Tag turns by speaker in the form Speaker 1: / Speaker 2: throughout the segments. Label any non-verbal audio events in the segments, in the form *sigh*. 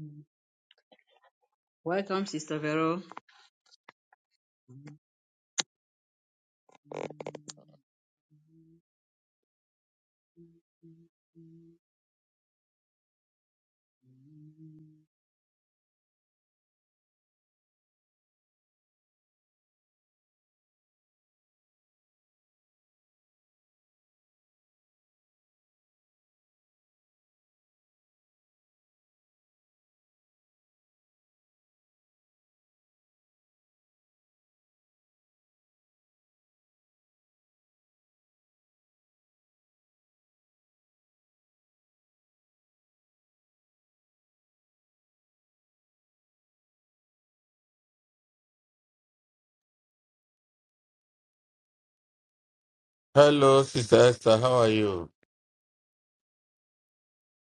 Speaker 1: Mm. Welcome, Sister Vero.
Speaker 2: Hello, Sister Esther. How are you?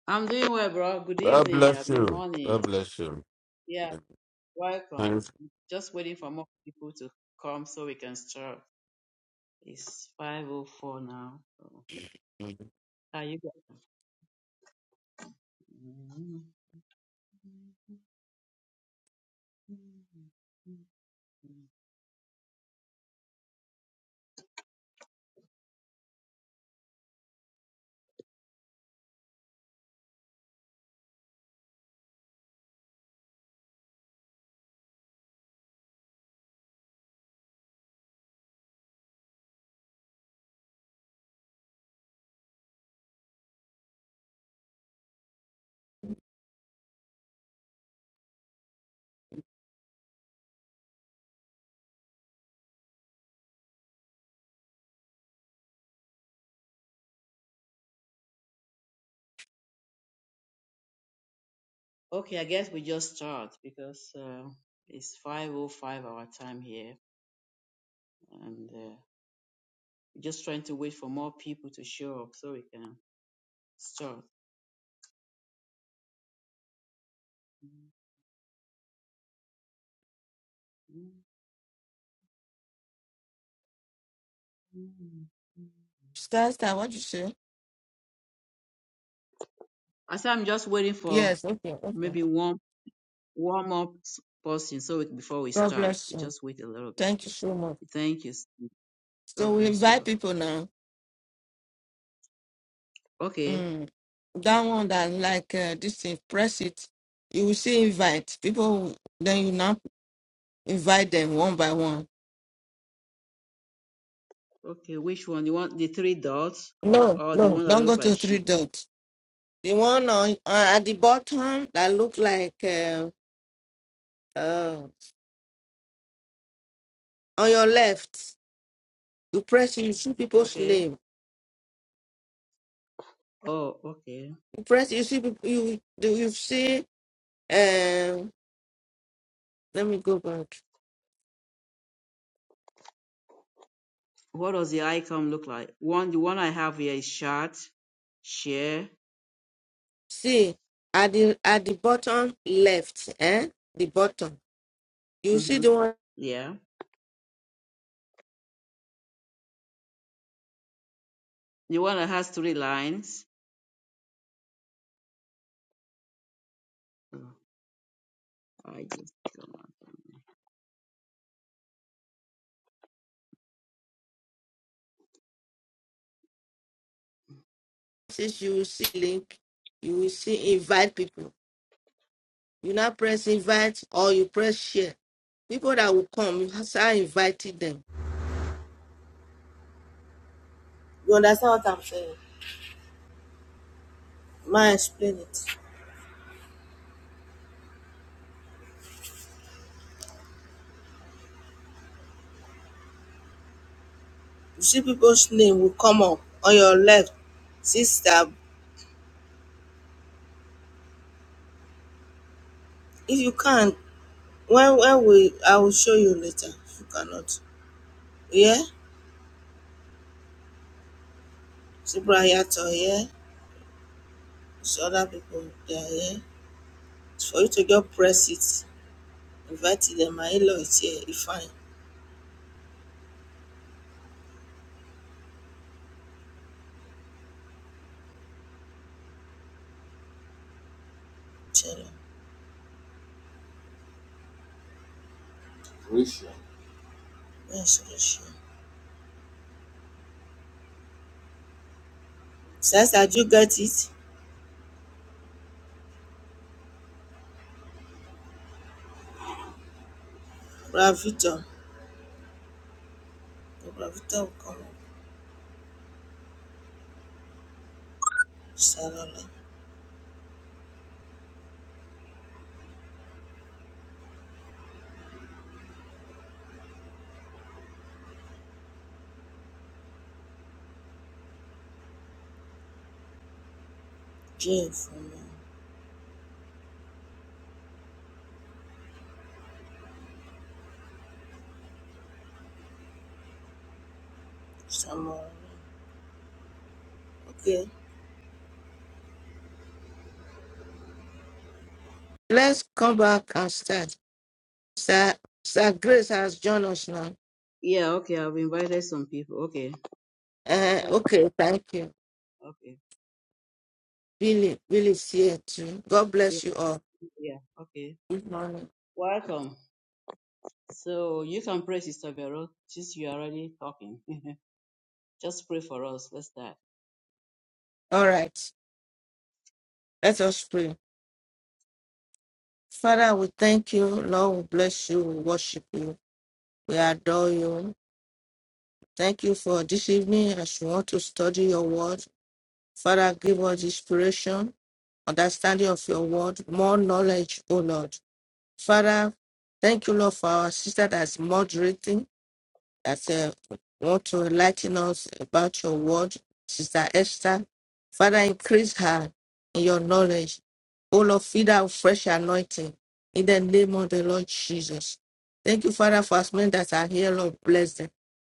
Speaker 1: I'm doing well, bro. Good
Speaker 2: God
Speaker 1: evening.
Speaker 2: bless
Speaker 1: Happy
Speaker 2: you.
Speaker 1: morning.
Speaker 2: God bless you.
Speaker 1: Yeah,
Speaker 2: Yeah,
Speaker 1: welcome.
Speaker 2: Thanks.
Speaker 1: Just waiting for more people to come so we can start. It's 5.04 now. So, Are you guys? Okay, I guess we just start because uh, it's 5.05 our time here. and. uh, We're just trying to wait for more people to show up so we can start.
Speaker 2: Sister Esther, what you say?
Speaker 1: I said I'm just waiting for
Speaker 2: Yes, okay, okay.
Speaker 1: maybe one warm up person so we, before we
Speaker 2: God
Speaker 1: start.
Speaker 2: bless
Speaker 1: We
Speaker 2: you.
Speaker 1: just wait a little bit.
Speaker 2: Thank you so much.
Speaker 1: Thank you.
Speaker 2: So
Speaker 1: God
Speaker 2: we
Speaker 1: bless
Speaker 2: invite
Speaker 1: you.
Speaker 2: people now.
Speaker 1: all. Okay.
Speaker 2: Mm. That one that like uh, this thing, press it. You will see invite. People, then you now invite them one by one.
Speaker 1: Okay. Which one? You want the three dots
Speaker 2: No,
Speaker 1: or the
Speaker 2: no.
Speaker 1: one that
Speaker 2: Don't go
Speaker 1: looks
Speaker 2: to
Speaker 1: like
Speaker 2: three
Speaker 1: sheep?
Speaker 2: dots. The one on, on at the bottom that look like uh, uh, on your left. You press, you see people's
Speaker 1: Okay.
Speaker 2: name.
Speaker 1: Oh, okay.
Speaker 2: You press, you see people. You do you see? Um, let me go back.
Speaker 1: What does the icon look like? One, the one I have here is short, share.
Speaker 2: See at the at the bottom left, eh? The bottom. You see
Speaker 1: hmm
Speaker 2: the one that
Speaker 1: Yeah. The one that has three lines. I just come on.
Speaker 2: says you will see link. You will see invite people. You now press invite or you press share. People that will come, you start inviting them. You understand what I'm saying? Ma explain it. You see people's name will come up on your left. Sister, if you can When when we I will show you later if you cannot. Yeah? Subrayato here. It's other people they are here. It's for you to just press it. Invite them. My in-law is here. If fine. Tell them. Risha. Yes, yes, yes. Since I do get it, Bravito. The Bravito will come. up. Sarala. Jane for me. Samuel. Okay. Let's come back and start. Sir, Sir Grace has joined us now.
Speaker 1: Yeah, okay, I've invited some people. Okay.
Speaker 2: Uh,
Speaker 1: So let
Speaker 2: okay, thank you.
Speaker 1: okay.
Speaker 2: Really, really see it too. God
Speaker 1: Yeah,
Speaker 2: bless you all.
Speaker 1: yeah, okay.
Speaker 2: Good morning.
Speaker 1: Welcome. So you can pray, Sister Vero, since you are already talking. *laughs* just pray for us. Let's start.
Speaker 2: All right. Let us pray. Father, we thank you. Lord, we bless you. We worship you. We adore you. Thank you for this evening as we want to study your word. Father, give us inspiration, understanding of your word, more knowledge, O Lord. Father, thank you, Lord, for our sister that's moderating. I said, Lord, to enlighten us about your word, Sister Esther. Father, increase her in your knowledge. O Lord, feed her with fresh anointing in the name of the Lord Jesus. Thank you, Father, for us men that are here, Lord, bless them.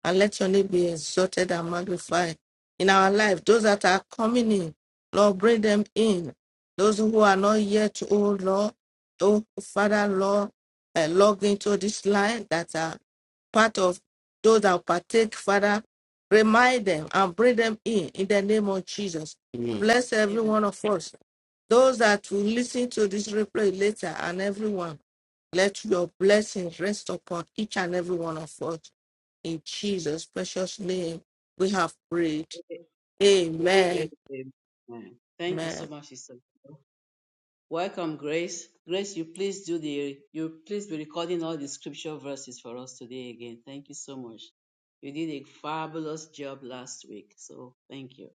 Speaker 2: And let your name be exalted and magnified in our life. Those that are coming in, Lord, bring them in. Those who are not yet, oh Lord, oh Father, Lord, uh, log into this line that are part of those that partake, Father, remind them and bring them in in the name of Jesus. Amen. Bless every
Speaker 1: Amen.
Speaker 2: one of us. Those that will listen to this replay later and everyone, let your blessings rest upon each and every one of us. In Jesus' precious name, we have prayed.
Speaker 1: A-
Speaker 2: Amen.
Speaker 1: Amen. Thank you so
Speaker 2: Amen.
Speaker 1: much, Sister Vero. Welcome, Grace. Grace, you please do the you please be recording all the scripture verses for us today again. Thank you so much. You did a fabulous job last week. So thank you.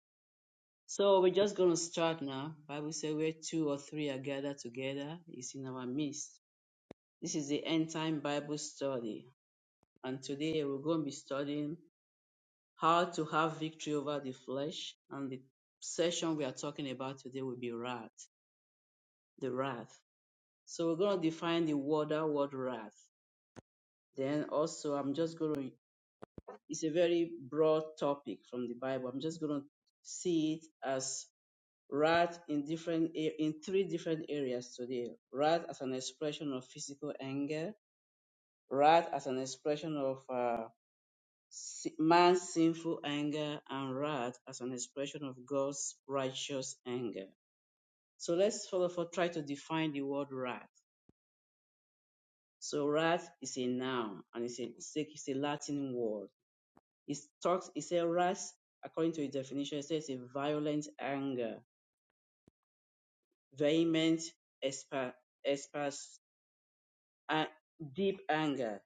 Speaker 1: So we're just going to start now. Bible says where two or three are gathered together is in our midst. This is the end time Bible study. And today we're going to be studying how to have victory over the flesh. And the session we are talking about today will be wrath, the wrath. So we're going to define the word, that word wrath. Then also I'm just going to, it's a very broad topic from the Bible. I'm just going to see it as Art in different a- in three different areas today. Art as an expression of physical anger, art as an expression of uh, si- man's sinful anger, and wrath as an expression of God's righteous anger. So let's follow for try to define the word wrath. So wrath is a noun and it's a it's a, it's a Latin word. It talks It says wrath according to its definition. It says a violent anger, vehement, esper, and deep anger,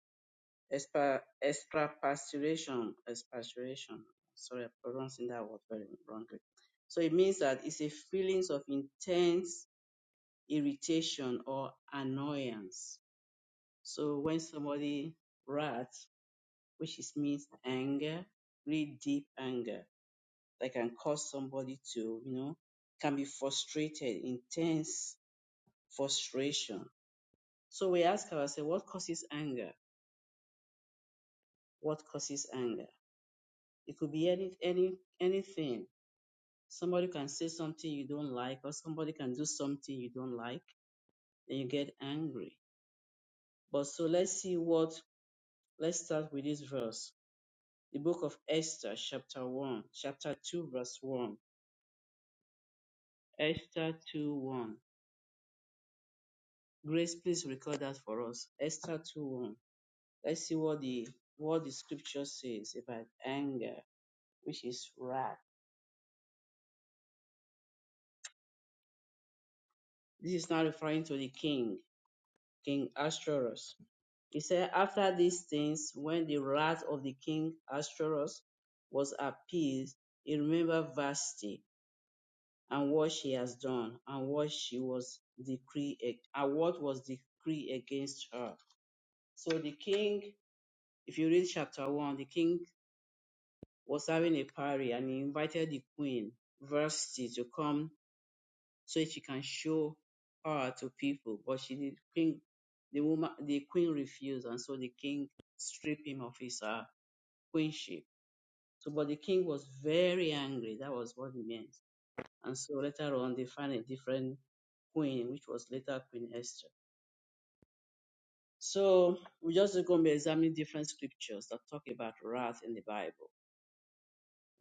Speaker 1: expa- expatriation, expatriation. Sorry, I'm pronouncing that word very wrongly. So it means that it's a feelings of intense irritation or annoyance. So when somebody rats, which is means anger, really deep anger, that can cause somebody to, you know, can be frustrated, intense frustration. So we ask ourselves, what causes anger? What causes anger? It could be any any anything. Somebody can say something you don't like, or somebody can do something you don't like, and you get angry. But so let's see what let's start with this verse. The book of Esther, chapter one, chapter two, verse one. Esther two one. Grace, please record that for us. Esther two one. Let's see what the what the scripture says about anger, which is wrath. This is not referring to the king, King Ashtoreth He said, After these things, when the wrath of the king Ahasuerus was appeased, he remembered Vashti and what she has done and what she was decree and what was decree against her. So the king, if you read chapter one, the king was having a party and he invited the queen Vashti to come so she can show her to people. But she did, king, the woman, the queen refused, and so the king stripped him of his uh, queenship. So, but the king was very angry. That was what it meant. And so later on, they found a different queen, which was later Queen Esther. So we're just going to be examining different scriptures that talk about wrath in the Bible.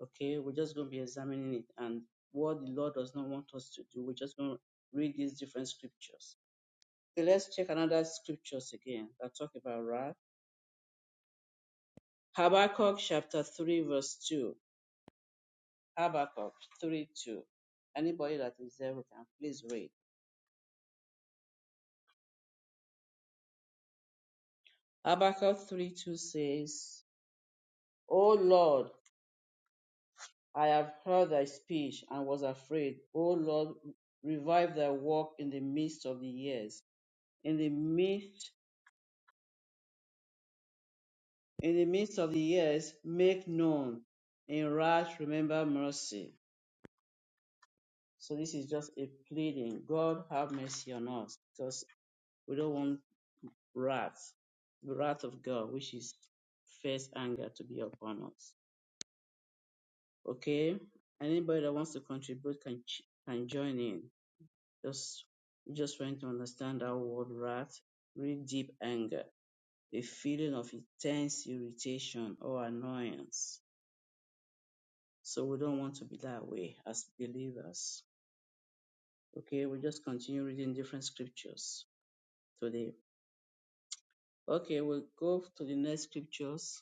Speaker 1: Okay, we're just going to be examining it and what the Lord does not want us to do. We're just going to read these different scriptures. Okay, let's check another scriptures again that talk about wrath. Habakkuk chapter 3, verse 2. Habakkuk 3 2. Anybody that is there, we can please read. Habakkuk 3 2 says, O Lord, I have heard thy speech and was afraid. O Lord, revive thy work in the midst of the years. In the midst, in the midst of the years, make known. In wrath, remember mercy. So this is just a pleading. God have mercy on us because we don't want wrath, the wrath of God, which is first anger to be upon us. Okay? Anybody that wants to contribute can ch- can join in. Just just trying to understand that word wrath, really deep anger, a feeling of intense irritation or annoyance. So we don't want to be that way as believers. Okay, we just continue reading different scriptures today. Okay, we'll go to the next scriptures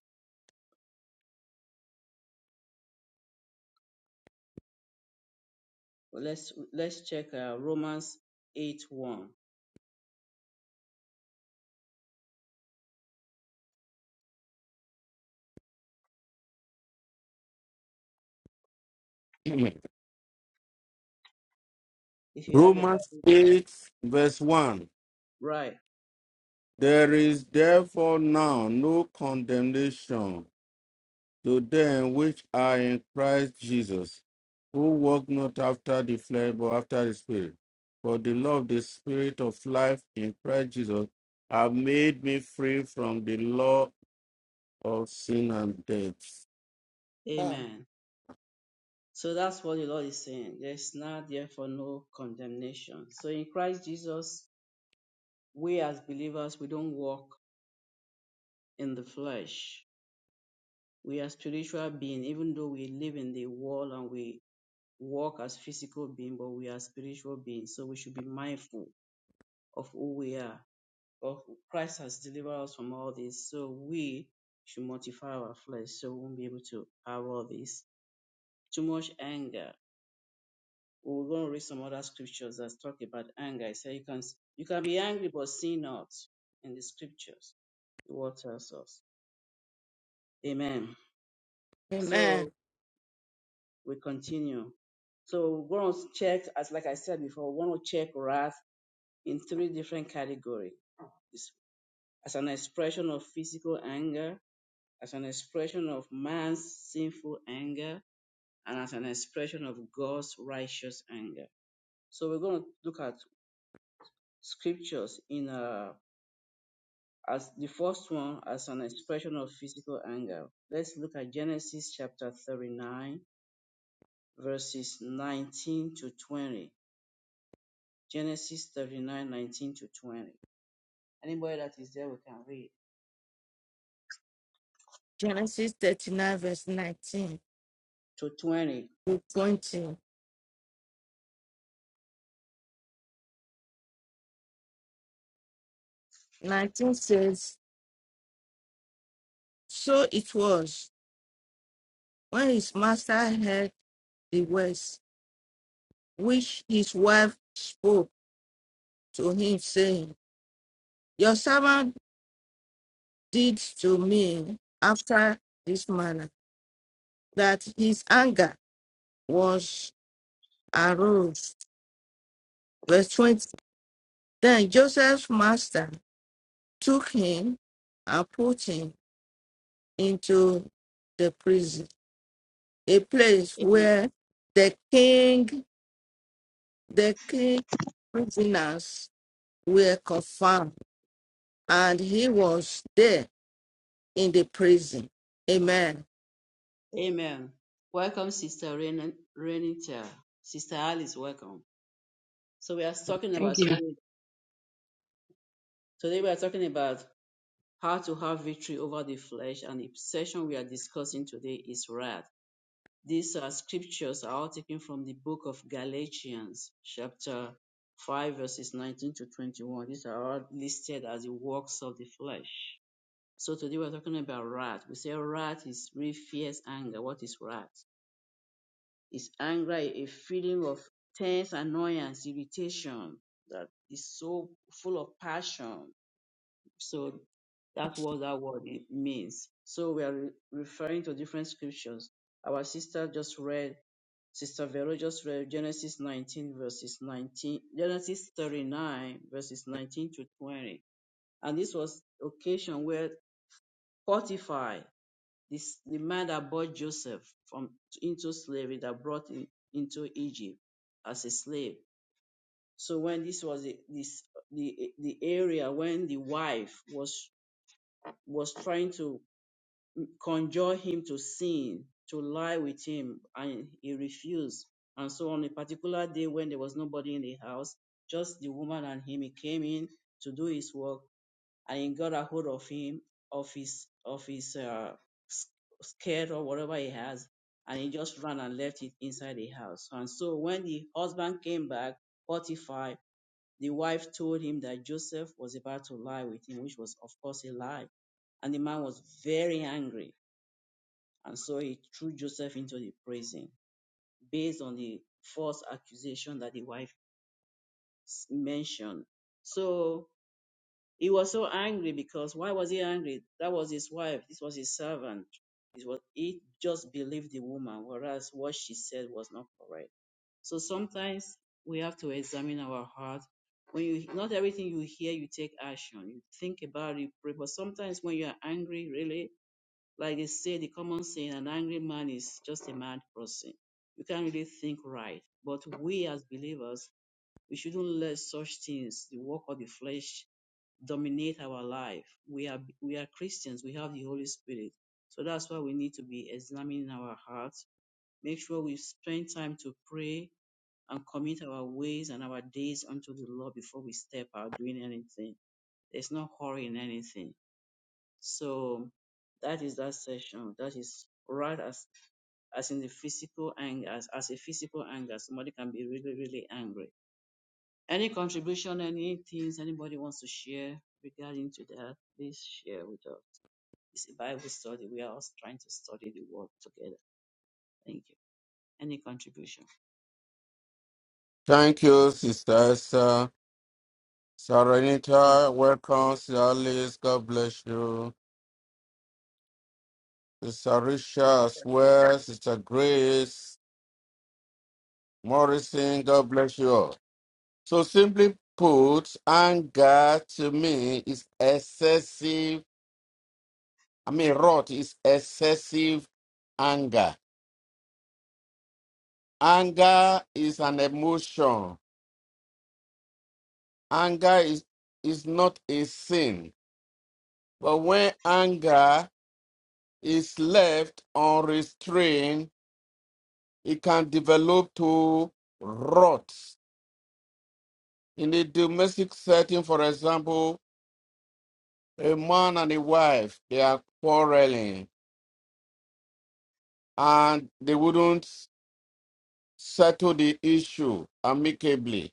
Speaker 1: Well, let's let's check uh, Romans 8 1.
Speaker 2: Amen.
Speaker 1: If you have your
Speaker 2: Romans
Speaker 1: Bible,
Speaker 2: 8, verse 1.
Speaker 1: right?
Speaker 2: There is therefore now no condemnation to them which are in Christ Jesus, who walk not after the flesh, but after the Spirit. For the law of the Spirit of life in Christ Jesus have made me free from the law of sin and death. Um,
Speaker 1: Amen. So that's what the Lord is saying. There's now therefore no condemnation. So in Christ Jesus, we as believers, we don't walk in the flesh. We are spiritual beings, even though we live in the world and we walk as physical beings, but we are spiritual beings. So we should be mindful of who we are But Christ has delivered us from all this, so we should mortify our flesh so we won't be able to have all this. Too much anger. We're going to read some other scriptures that talk about anger. It says you can you can be angry but sin not in the scriptures. The word tells us. Amen. So
Speaker 2: Amen.
Speaker 1: we continue. So we're going to check, as like I said before, we want to check wrath in three different categories. It's as an expression of physical anger, as an expression of man's sinful anger and as an expression of God's righteous anger. So we're going to look at scriptures in uh, as the first one as an expression of physical anger. Let's look at Genesis chapter 39 verses 19 to 20. Genesis 39, 19 to 20. Anybody that is there we can read
Speaker 2: Genesis 39, verse 19
Speaker 1: to 20.
Speaker 2: to 20. 19 says, So it was when his master heard the words which his wife spoke to him, saying, Your servant did to me after this manner, that his anger was aroused. Verse 20. Then Joseph's master took him and put him into the prison, a place where the king, the king prisoners were confined, and he was there in the prison. Amen.
Speaker 1: Amen. Welcome Sister Ren- Renita. Sister Alice, welcome. So we are talking
Speaker 3: Thank
Speaker 1: about
Speaker 3: you.
Speaker 1: today. Today we are talking about how to have victory over the flesh, and the session we are discussing today is wrath. These uh, scriptures are all taken from the book of Galatians, chapter five, verses nineteen to twenty-one. These are all listed as the works of the flesh. So today we're talking about wrath. We say wrath is really fierce anger. What is wrath? It's anger, a feeling of tense annoyance, irritation that is so full of passion So that's what that word It means. So we are re- referring to different scriptures. Our sister just read, Sister Vero just read Genesis 19 verses 19, Genesis 39 verses 19 to 20. And this was occasion where Potiphar, this, the man that bought Joseph from into slavery, that brought him into Egypt as a slave. So when this was the, this, the, the area when the wife was was trying to conjure him to sin, to lie with him, and he refused. And so on a particular day when there was nobody in the house, just the woman and him, he came in to do his work, and he got a hold of him, of his, of his uh, s- skirt or whatever he has, and he just ran and left it inside the house. And so when the husband came back, fortified, the wife told him that Joseph was about to lie with him, which was of course a lie and the man was very angry and so he threw Joseph into the prison based on the false accusation that the wife mentioned. So he was so angry because why was he angry? That was his wife. This was his servant. It was, he just believed the woman, whereas what she said was not correct. So sometimes we have to examine our heart. When you not everything you hear, you take action. You think about it, pray. But sometimes when you are angry, really, like they say, the common saying, an angry man is just a mad person. You can't really think right. But we as believers, we shouldn't let such things, the work of the flesh, dominate our life. We are we are Christians. We have the Holy Spirit. So that's why we need to be examining our hearts. Make sure we spend time to pray and commit our ways and our days unto the Lord before we step out doing anything. There's no hurry in anything so that is that session. That is right as as in the physical anger, as, as a physical anger, somebody can be really, really angry. Any contribution, any things anybody wants to share regarding to that, please share with us. It's a Bible study. We are all trying to study the word together. Thank you. Any contribution?
Speaker 2: Thank you, sisters.
Speaker 1: Thank
Speaker 2: Saranita, welcome, Sister Alice. God bless you. Sister Risha as well, Sister Grace Morrison, God bless you all. So simply put, anger to me is excessive. I mean, wrath is excessive anger. Anger is an emotion. Anger is, is not a sin. But when anger is left unrestrained, it can develop to rot. In a domestic setting, for example, a man and a wife, they are quarreling and they wouldn't settle the issue amicably.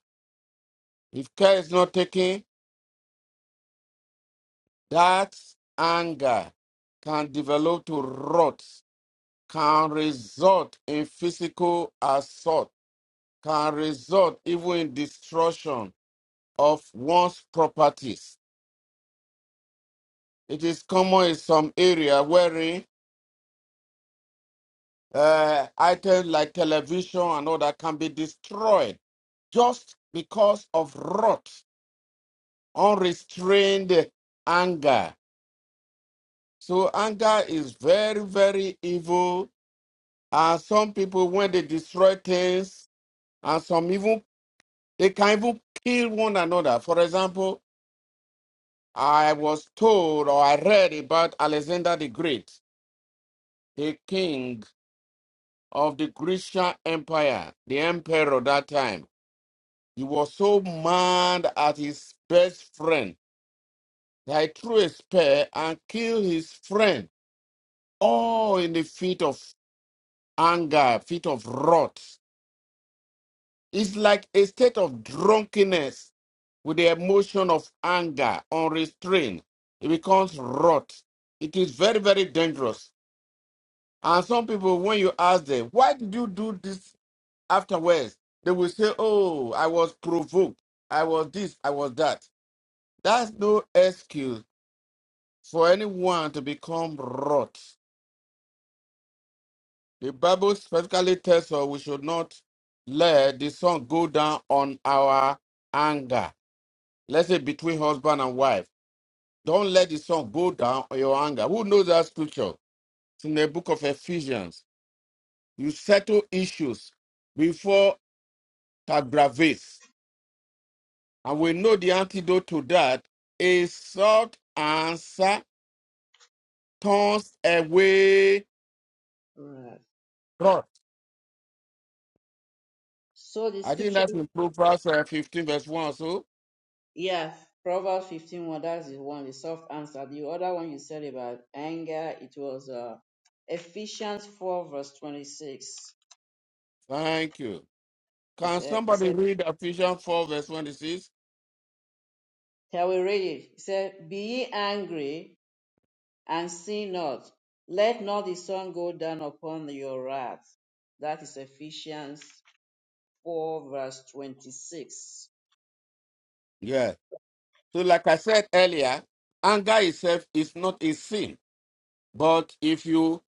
Speaker 2: If care is not taken, that anger can develop to rot, can result in physical assault, can result even in destruction of one's properties It is common in some area wherein uh, items like television and all that can be destroyed just because of wrath, unrestrained anger. So anger is very, very evil. And some people, when they destroy things, and some even they can even kill one another. For example, I was told or I read about Alexander the Great, the king of the Grecian Empire, the emperor that time, he was so mad at his best friend that he threw a spear and killed his friend, all in the fit of anger, fit of wrath. It's like a state of drunkenness with the emotion of anger, unrestrained. It becomes wrath. It is very, very dangerous. And some people, when you ask them, why did you do this afterwards they will say oh i was provoked i was this i was that that's no excuse for anyone to become wrought the bible specifically tells us we should not let the sun go down on our anger let's say between husband and wife don't let the sun go down on your anger who knows that scripture it's in the book of ephesians you settle issues before it aggravates And we know the antidote to that is sought answer turns away
Speaker 1: you. All right.
Speaker 2: wrath.
Speaker 1: So the
Speaker 2: I think
Speaker 1: scripture.
Speaker 2: that's in Proverbs uh, 15, verse 1. So,
Speaker 1: Yeah, Proverbs fifteen one. that's the one, the soft answer. The other one you said about anger, it was uh, Ephesians 4, verse 26.
Speaker 2: thank you.
Speaker 1: It
Speaker 2: Can
Speaker 1: said, it
Speaker 2: somebody
Speaker 1: said,
Speaker 2: read Ephesians 4, verse 26?
Speaker 1: Shall we read it? It said, Be ye angry and sin not. Let not the sun go down upon your wrath. That is Ephesians 4, verse 26.
Speaker 2: Yeah. So, like I said earlier, anger itself is not a sin. But if you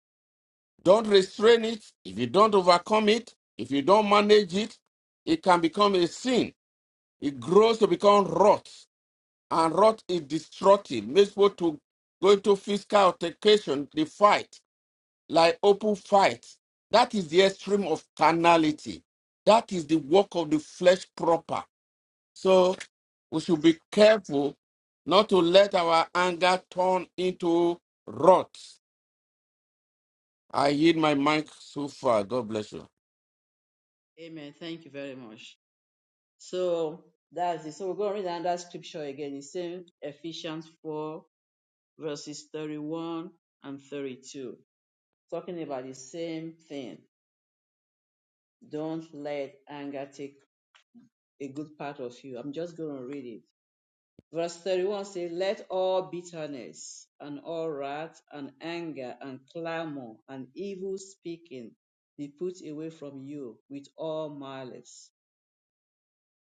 Speaker 2: don't restrain it, if you don't overcome it, if you don't manage it, it can become a sin. It grows to become rot. and wrath is destructive, makes to go into physical altercation, the fight, like open fight. That is the extreme of carnality. That is the work of the flesh proper. So we should be careful not to let our anger turn into wrath. I yield my mic so far. God bless you.
Speaker 1: Amen. Thank you very much. So that's it. So we're going to read another scripture again. It's in Ephesians 4 verses 31 and 32, talking about the same thing. Don't let anger take a good part of you. I'm just going to read it. Verse 31 says, Let all bitterness and all wrath and anger and clamor and evil speaking be put away from you with all malice.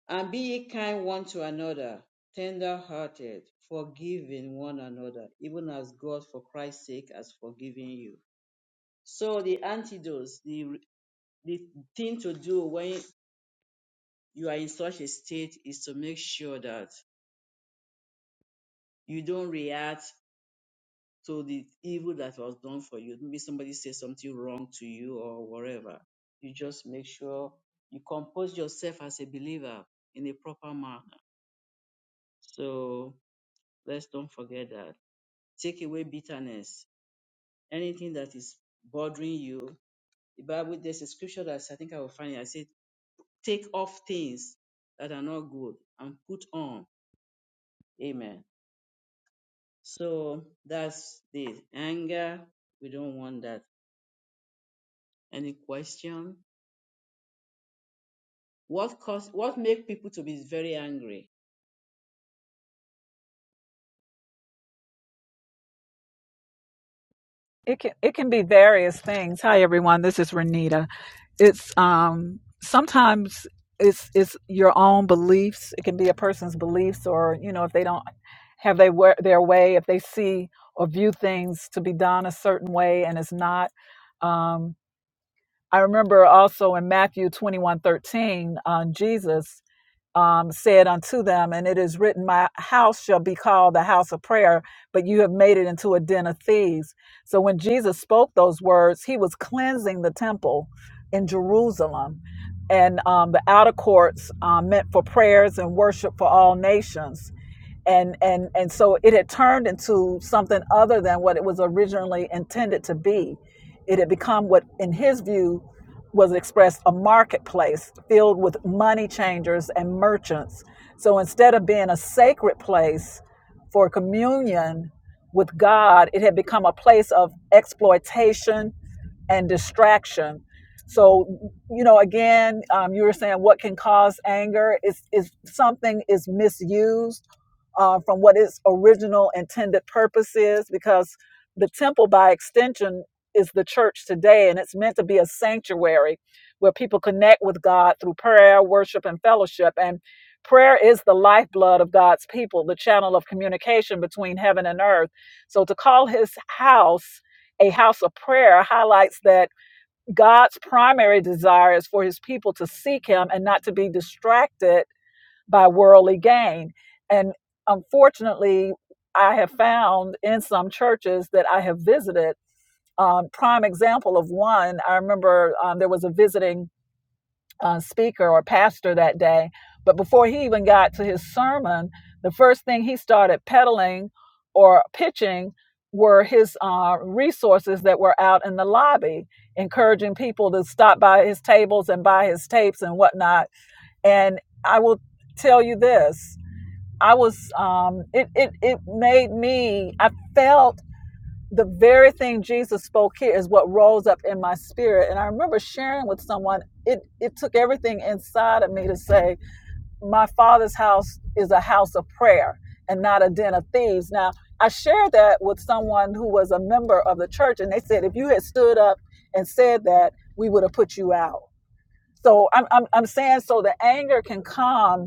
Speaker 1: And be ye kind one to another, tender hearted, forgiving one another, even as God for Christ's sake has forgiven you So the antidotes, the the thing to do when you are in such a state is to make sure that you don't react to the evil that was done for you. Maybe somebody said something wrong to you or whatever. You just make sure you compose yourself as a believer in a proper manner. So let's don't forget that. Take away bitterness. Anything that is bothering you. The Bible, there's a scripture that I think I will find. it. I said take off things that are not good and put on. Amen. So that's the anger. We don't want that. Any question? What cause what make people to be very angry?
Speaker 4: It can it can be various things. Hi everyone, this is Renita. It's um sometimes it's it's your own beliefs. It can be a person's beliefs or you know if they don't have they wa- their way, if they see or view things to be done a certain way and it's not. Um I remember also in Matthew twenty one thirteen, um, Jesus um, said unto them, and it is written, My house shall be called the house of prayer, but you have made it into a den of thieves. So when Jesus spoke those words, he was cleansing the temple in Jerusalem and um, the outer courts um, meant for prayers and worship for all nations. And, and and so it had turned into something other than what it was originally intended to be. It had become what, in his view, was expressed a marketplace filled with money changers and merchants. So instead of being a sacred place for communion with God, it had become a place of exploitation and distraction. So, you know, again, um, you were saying what can cause anger is is something is misused uh, from what its original intended purpose is, because the temple, by extension, is the church today, and it's meant to be a sanctuary where people connect with God through prayer, worship, and fellowship. And prayer is the lifeblood of God's people, the channel of communication between heaven and earth. So, to call His house a house of prayer highlights that God's primary desire is for his people to seek him and not to be distracted by worldly gain. And unfortunately, I have found in some churches that I have visited, um, prime example of one, I remember um, there was a visiting uh, speaker or pastor that day. But before he even got to his sermon, the first thing he started peddling or pitching were his uh, resources that were out in the lobby, encouraging people to stop by his tables and buy his tapes and whatnot. And I will tell you this. I was, um, it, it, it made me, I felt the very thing Jesus spoke here is what rose up in my spirit. And I remember sharing with someone, it, it took everything inside of me to say, My father's house is a house of prayer and not a den of thieves. Now, I shared that with someone who was a member of the church, and they said, If you had stood up and said that, we would have put you out. So I'm, I'm, I'm saying, so the anger can come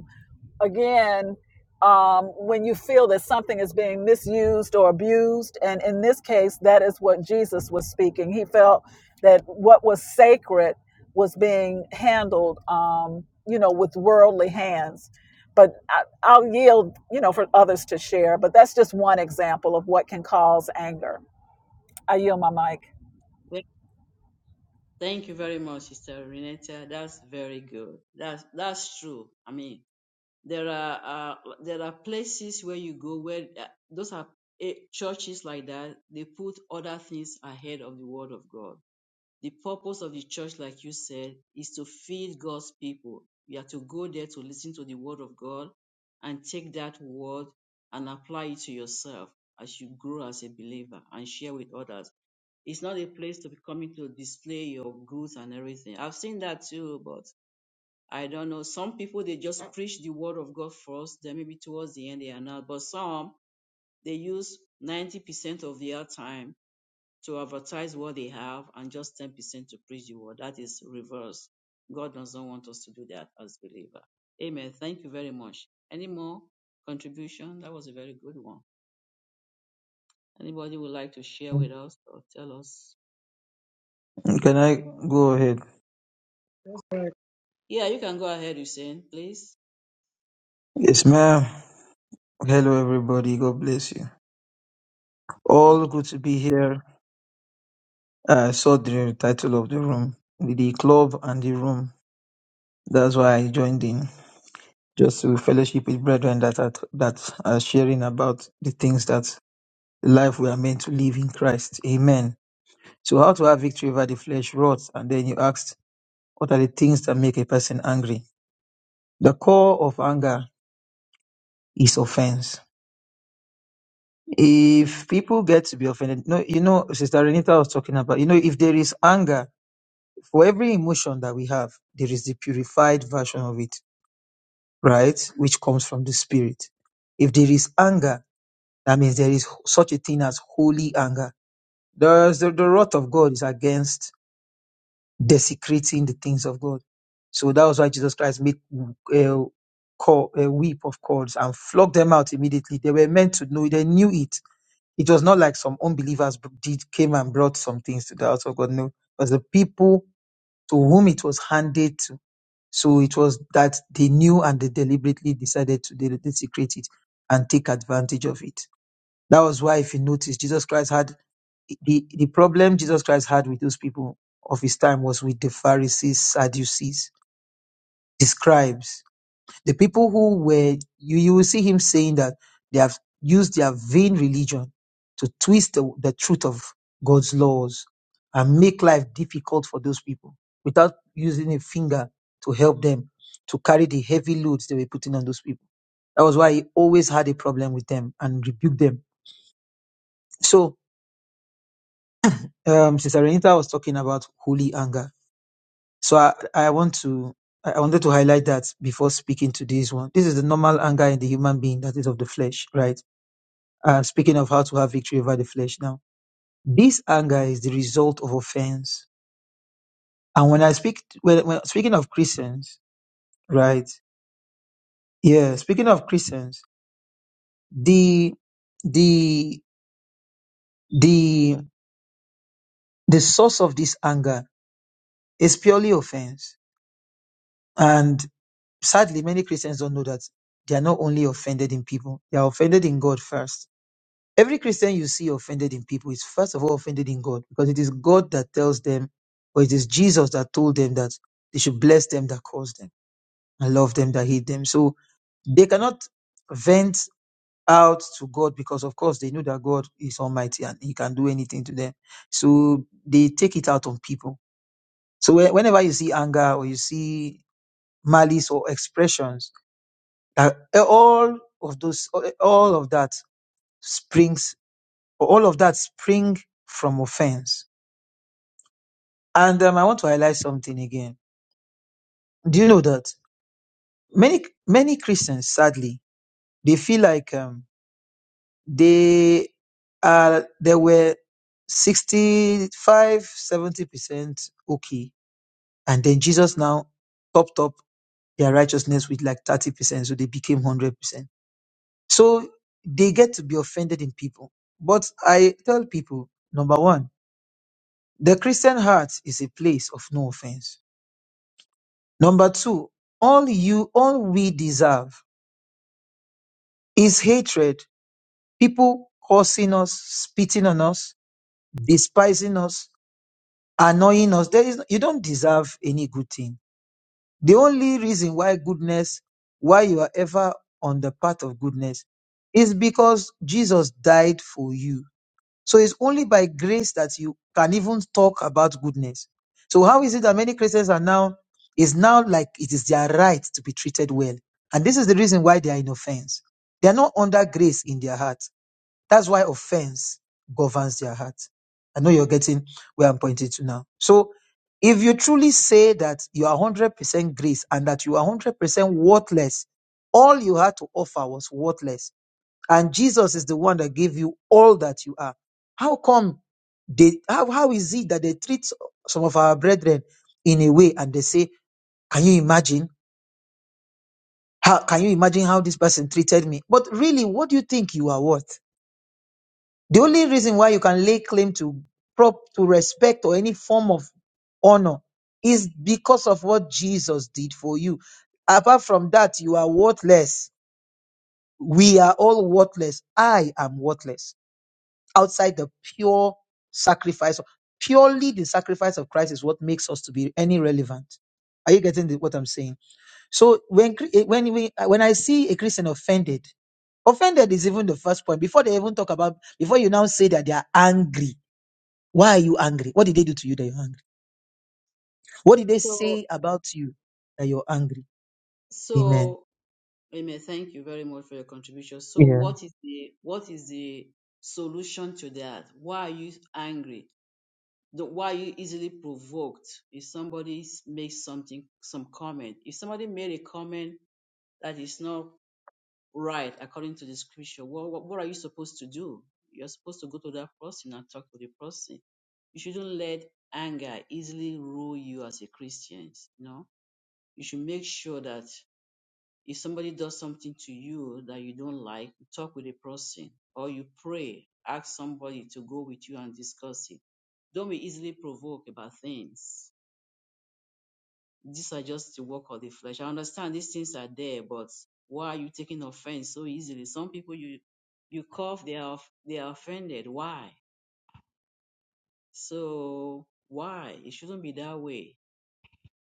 Speaker 4: again um, when you feel that something is being misused or abused and in this case that is what jesus was speaking he felt that what was sacred was being handled um, you know with worldly hands but I, i'll yield you know for others to share but that's just one example of what can cause anger i yield my mic
Speaker 1: Well, Thank you very much, Sister Renata. That's very good. That's that's true. I mean, there are uh, there are places where you go where uh, those are eh, churches like that. They put other things ahead of the Word of God The purpose of the church, like you said, is to feed God's people. We are to go there to listen to the word of God and take that word and apply it to yourself as you grow as a believer and share with others. It's not a place to be coming to display your goods and everything. I've seen that too, but I don't know. Some people they just preach the word of God first, then maybe towards the end they are not. But some they use 90% of their time to advertise what they have and just 10% to preach the word. That is reverse. God doesn't want us to do that as believer. Amen. Thank you very much. Any more contribution? That was a very good one. Anybody would like to share with us or tell us?
Speaker 5: Can I go ahead?
Speaker 1: Yeah, you can go ahead, Hussein, please.
Speaker 5: Yes, ma'am. Hello, everybody. God bless you.
Speaker 1: Thank
Speaker 5: All
Speaker 1: you.
Speaker 5: good to be here. I saw the title of the room, the club and the room. That's why I joined in, just to fellowship with brethren that are, that are sharing about the things that the life we are meant to live in Christ. Amen. So, how to have victory over the flesh wrought? And then you asked, what are the things that make a person angry? The core of anger is offense. If people get to be offended, no, you know, Sister Renita was talking about, you know, if there is anger, for every emotion that we have, there is the purified version of it, right? Which comes from the spirit. If there is anger, that means there is such a thing as holy anger. There's the, the wrath of God is against desecrating the things of God. So that was why Jesus Christ made uh, call, uh, weep of cords and flogged them out immediately. They were meant to know, they knew it It was not like some unbelievers br- did came and brought some things to the house of God. No, it was the people to whom it was handed to. So it was that they knew and they deliberately decided to de- desecrate it and take advantage of it. That was why, if you notice, Jesus Christ had the, the problem Jesus Christ had with those people of his time was with the Pharisees, Sadducees, the scribes. The people who were, you, you will see him saying that they have used their vain religion to twist the, the truth of God's laws and make life difficult for those people without using a finger to help them to carry the heavy loads they were putting on those people. That was why he always had a problem with them and rebuked them. So, um, Sister Renita was talking about holy anger. So I, I want to I I wanted to highlight that before speaking to this one. This is the normal anger in the human being that is of the flesh, right? uh, speaking of how to have victory over the flesh now this anger is the result of offense and when i speak when, when speaking of christians right yeah speaking of christians the the the the source of this anger is purely offense and sadly many christians don't know that they are not only offended in people they are offended in god first Every Christian you see offended in people is first of all offended in God because it is God that tells them, or it is Jesus that told them that they should bless them that curse them and love them that hate them. So they cannot vent out to God because, of course, they know that God is Almighty and He can do anything to them. So they take it out on people. So whe- whenever you see anger or you see malice or expressions, that all of those, all of that springs all of that spring from offense. And um, I want to highlight something again. Do you know that many many Christians, sadly, they feel like um, they are they were 65, 70 percent okay, and then Jesus now topped up their righteousness with like thirty percent, so they became hundred percent. So they get to be offended in people. But I tell people, number one, the Christian heart is a place of no offense Number two, all you, all we deserve is hatred. People cursing us, spitting on us, despising us, annoying us. There is, you don't deserve any good thing. The only reason why goodness, why you are ever on the path of goodness is because Jesus died for you. So it's only by grace that you can even talk about goodness. So how is it that many Christians are now is now like it is their right to be treated well? And this is the reason why they are in offense. They are not under grace in their heart. That's why offense governs their heart. I know you're getting where I'm pointing to now. So if you truly say that you are 100% grace and that you are 100% worthless, all you had to offer was worthless and Jesus is the one that gave you all that you are. How come they how, how is it that they treat some of our brethren in a way and they say, Can you imagine? How can you imagine how this person treated me? But really, what do you think you are worth? The only reason why you can lay claim to prop to respect or any form of honor is because of what Jesus did for you. Apart from that, you are worthless. We are all worthless. I am worthless outside the pure sacrifice. Purely the sacrifice of Christ is what makes us to be any relevant. Are you getting the, what I'm saying? So when cre- eh, when we uh, when I see a Christian offended, offended is even the first point. Before they even talk about, before you now say that they are angry. Why are you angry? What did they do to you that you're angry? What did they
Speaker 1: So,
Speaker 5: say about you that you're angry? Amen.
Speaker 1: so, Amen. Thank you very much for your contribution. So,
Speaker 5: Yeah.
Speaker 1: what is the what is the solution to that? Why are you angry? the why you easily provoked if somebody s- makes something some comment if somebody made a comment that is not right according to the scripture what, what, what are you supposed to do you're supposed to go to that person and talk to the person you shouldn't let anger easily rule you as a christian you know you should make sure that if somebody does something to you that you don't like, you talk with a person or you pray, ask somebody to go with you and discuss it. Don't be easily provoked about things. These are just the work of the flesh. I understand these things are there, but why are you taking offense so easily? Some people you you cough, they are off- they are offended. Why? So why? It shouldn't be that way.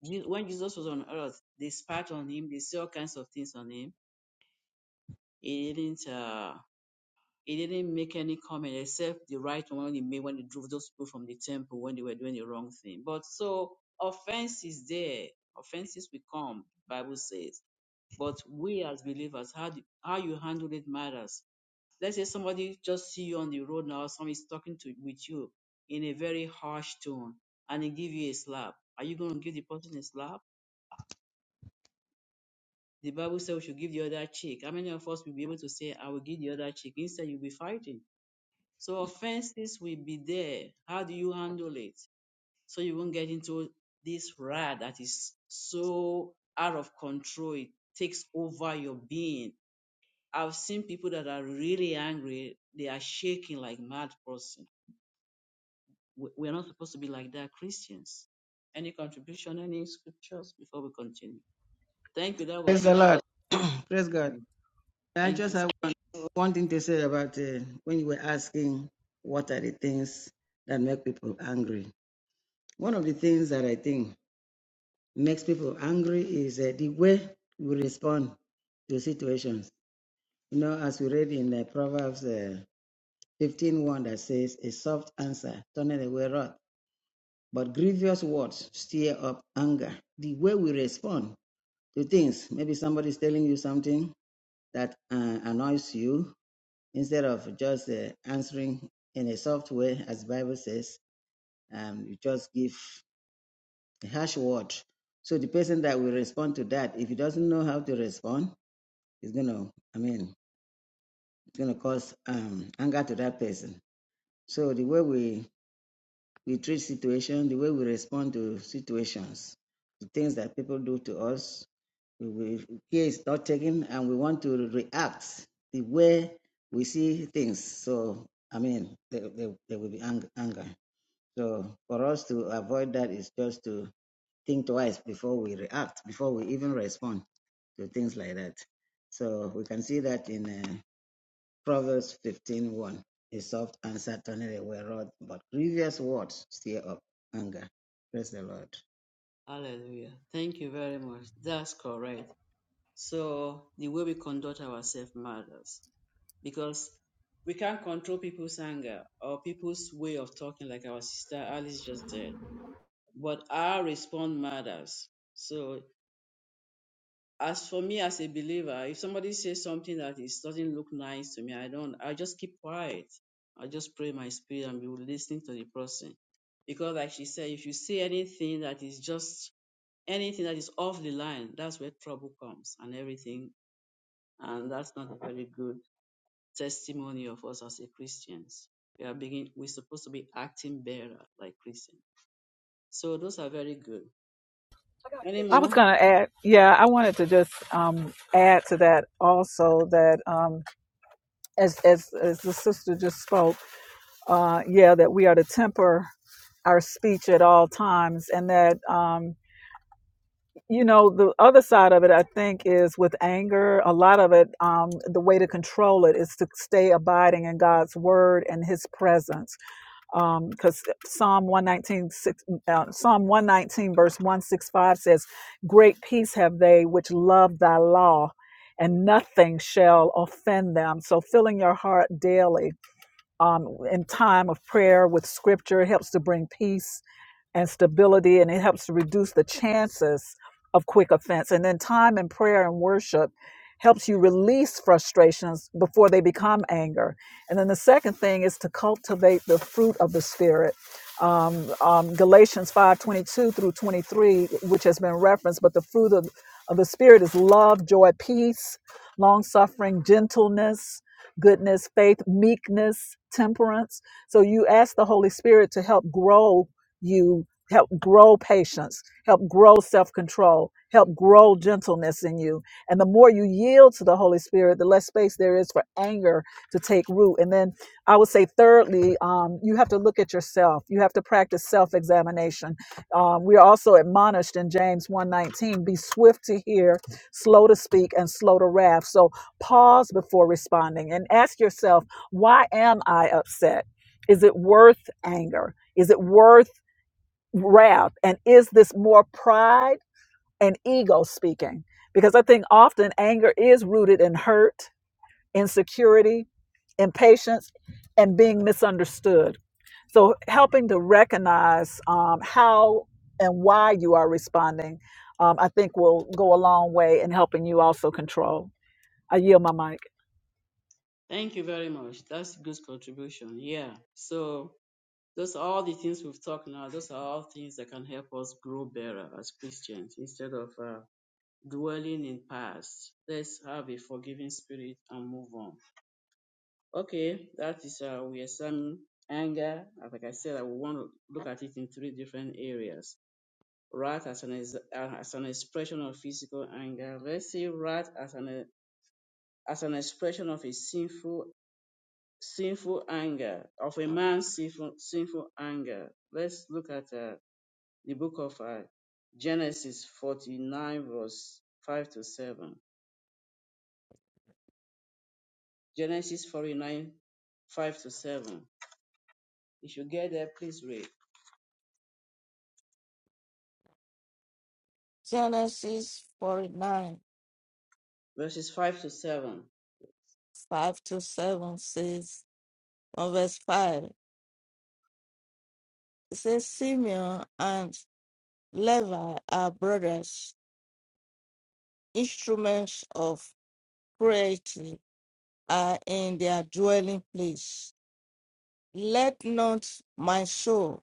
Speaker 1: Je- When Jesus was on earth, they spat on him, they said all kinds of things on him. He didn't. uh, He didn't make any comment except the right one he made when he drove those people from the temple when they were doing the wrong thing. But so offense is there. Offenses will come, Bible says. But we as believers, how do, how you handle it matters. Let's say somebody just see you on the road now, someone is talking to with you in a very harsh tone, and he give you a slap. Are you going to give the person a slap? The Bible says we should give the other cheek. How many of us will be able to say, I will give the other cheek? Instead, you'll be fighting So offenses will be there. How do you handle it? So you won't get into this rad that is so out of control. It takes over your being. I've seen people that are really angry. They are shaking like mad person. We- We're not supposed to be like that, Christians. Any contribution, any scriptures before we continue? Thank you. That
Speaker 3: Praise the
Speaker 1: was, uh,
Speaker 3: Lord. *clears throat* Praise God. I
Speaker 1: thank
Speaker 3: just
Speaker 1: you.
Speaker 3: have one thing to say about uh, when you were asking what are the things that make people angry. One of the things that I think makes people angry is uh, the way we respond to situations. You know, as we read in the Proverbs uh, 15 one that says, A soft answer turneth away wrath, but grievous words stir up anger. The way we respond to things, maybe somebody's telling you something that uh, annoys you, instead of just uh, answering in a soft way, as the Bible says, um, you just give a harsh word. So the person that will respond to that, if he doesn't know how to respond, it's gonna, I mean, it's gonna cause um, anger to that person. So the way we we treat situations, the way we respond to situations, the things that people do to us, we, we- care is not taken and we want to react the way we see things. So, I mean, there, there, there will be anger. So, for us to avoid that is just to think twice before we react, before we even respond to things like that. So, we can see that in uh, Proverbs fifteen one, A soft answer turneth away wrath, but grievous words stir up anger. Praise the Lord.
Speaker 1: Hallelujah. Thank you very much. That's correct. So the way we conduct ourselves matters. because we can't control people's anger or people's way of talking like our sister alice just did but our response matters so as for me as a believer if somebody says something that is doesn't look nice to me i don't i just keep quiet i just pray in my spirit and be listening to the person because like she said if you say anything that is just anything that is off the line that's where trouble comes and everything and that's not very good testimony of us as a Christians. We are begin we're supposed to be acting better like Christians. So those are very good. Any
Speaker 4: I
Speaker 1: more?
Speaker 4: was going to add, yeah, I wanted to just um, add to that also that um, as, as, as the sister just spoke. uh, yeah, that we are to temper our speech at all times, and that um, you know the other side of it, I think, is with anger. A lot of it, um, the way to control it is to stay abiding in God's word and His presence, because Psalm one nineteen six, uh, Psalm one nineteen verse one six five says, "Great peace have they which love Thy law." And nothing shall offend them. So, filling your heart daily um, in time of prayer with scripture. It helps to bring peace and stability, and it helps to reduce the chances of quick offense. And then time in prayer and worship helps you release frustrations before they become anger. And then the second thing is to cultivate the fruit of the Spirit. Um, um, Galatians 5:22 through 23, which has been referenced, but the fruit of, of the Spirit is love, joy, peace, long suffering, gentleness goodness, faith, meekness, temperance. So you ask the Holy Spirit to help grow you, help grow patience, help grow self control, help grow gentleness in you. And the more you yield to the Holy Spirit, the less space there is for anger to take root. And then I would say, thirdly, um, you have to look at yourself. You have to practice self examination. Um, we are also admonished in James one nineteen: be swift to hear, slow to speak, and slow to wrath. So pause before responding and ask yourself, why am I upset? Is it worth anger? Is it worth wrath? And is this more pride and ego speaking? Because I think often anger is rooted in hurt, insecurity, impatience, and being misunderstood. So, helping to recognize um, how and why you are responding, um, I think will go a long way in helping you also control. I yield my mic.
Speaker 1: Thank you very much. That's good contribution. Yeah. So those are all the things we've talked now. Those are all things that can help us grow better as Christians instead of uh, dwelling in past. Let's have a forgiving spirit and move on. Okay, that is uh, we examine anger. Like I said, I will want to look at it in three different areas wrath as an, ex- uh, as an expression of physical anger. Let's see wrath as an, as an expression of a sinful, sinful anger, of a man's sinful, sinful anger. Let's look at uh, the book of uh, Genesis 49, verse 5 to 7. Genesis 49, 5 to 7. If you get there, please read
Speaker 2: Genesis 49,
Speaker 1: verses 5 to 7.
Speaker 2: 5 to 7 says, on verse 5, it says, Simeon and Levi are brothers, instruments of creation are in their dwelling place. Let not my soul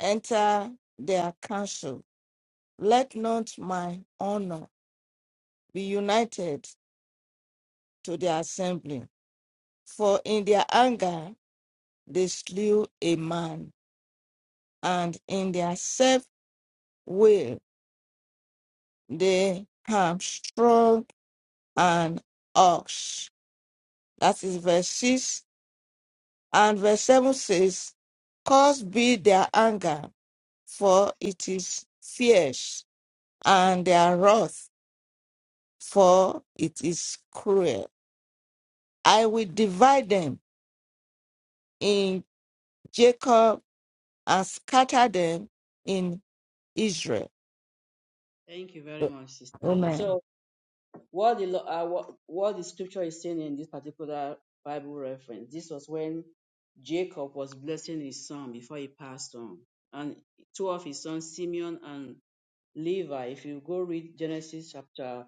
Speaker 2: enter their council. Let not my honor be united to their assembly. For in their anger they slew a man, and in their self will they hamstrung an ox. That is verse 6 And verse 7 says, Cause be their anger, for it is fierce, and their wrath, for it is cruel. I will divide them in Jacob and scatter them in Israel.
Speaker 1: Thank you very much, sister.
Speaker 2: Amen.
Speaker 1: So. What the lo- uh, what, what the scripture is saying in this particular Bible reference, this was when Jacob was blessing his son before he passed on, and two of his sons, Simeon and Levi. If you go read Genesis chapter,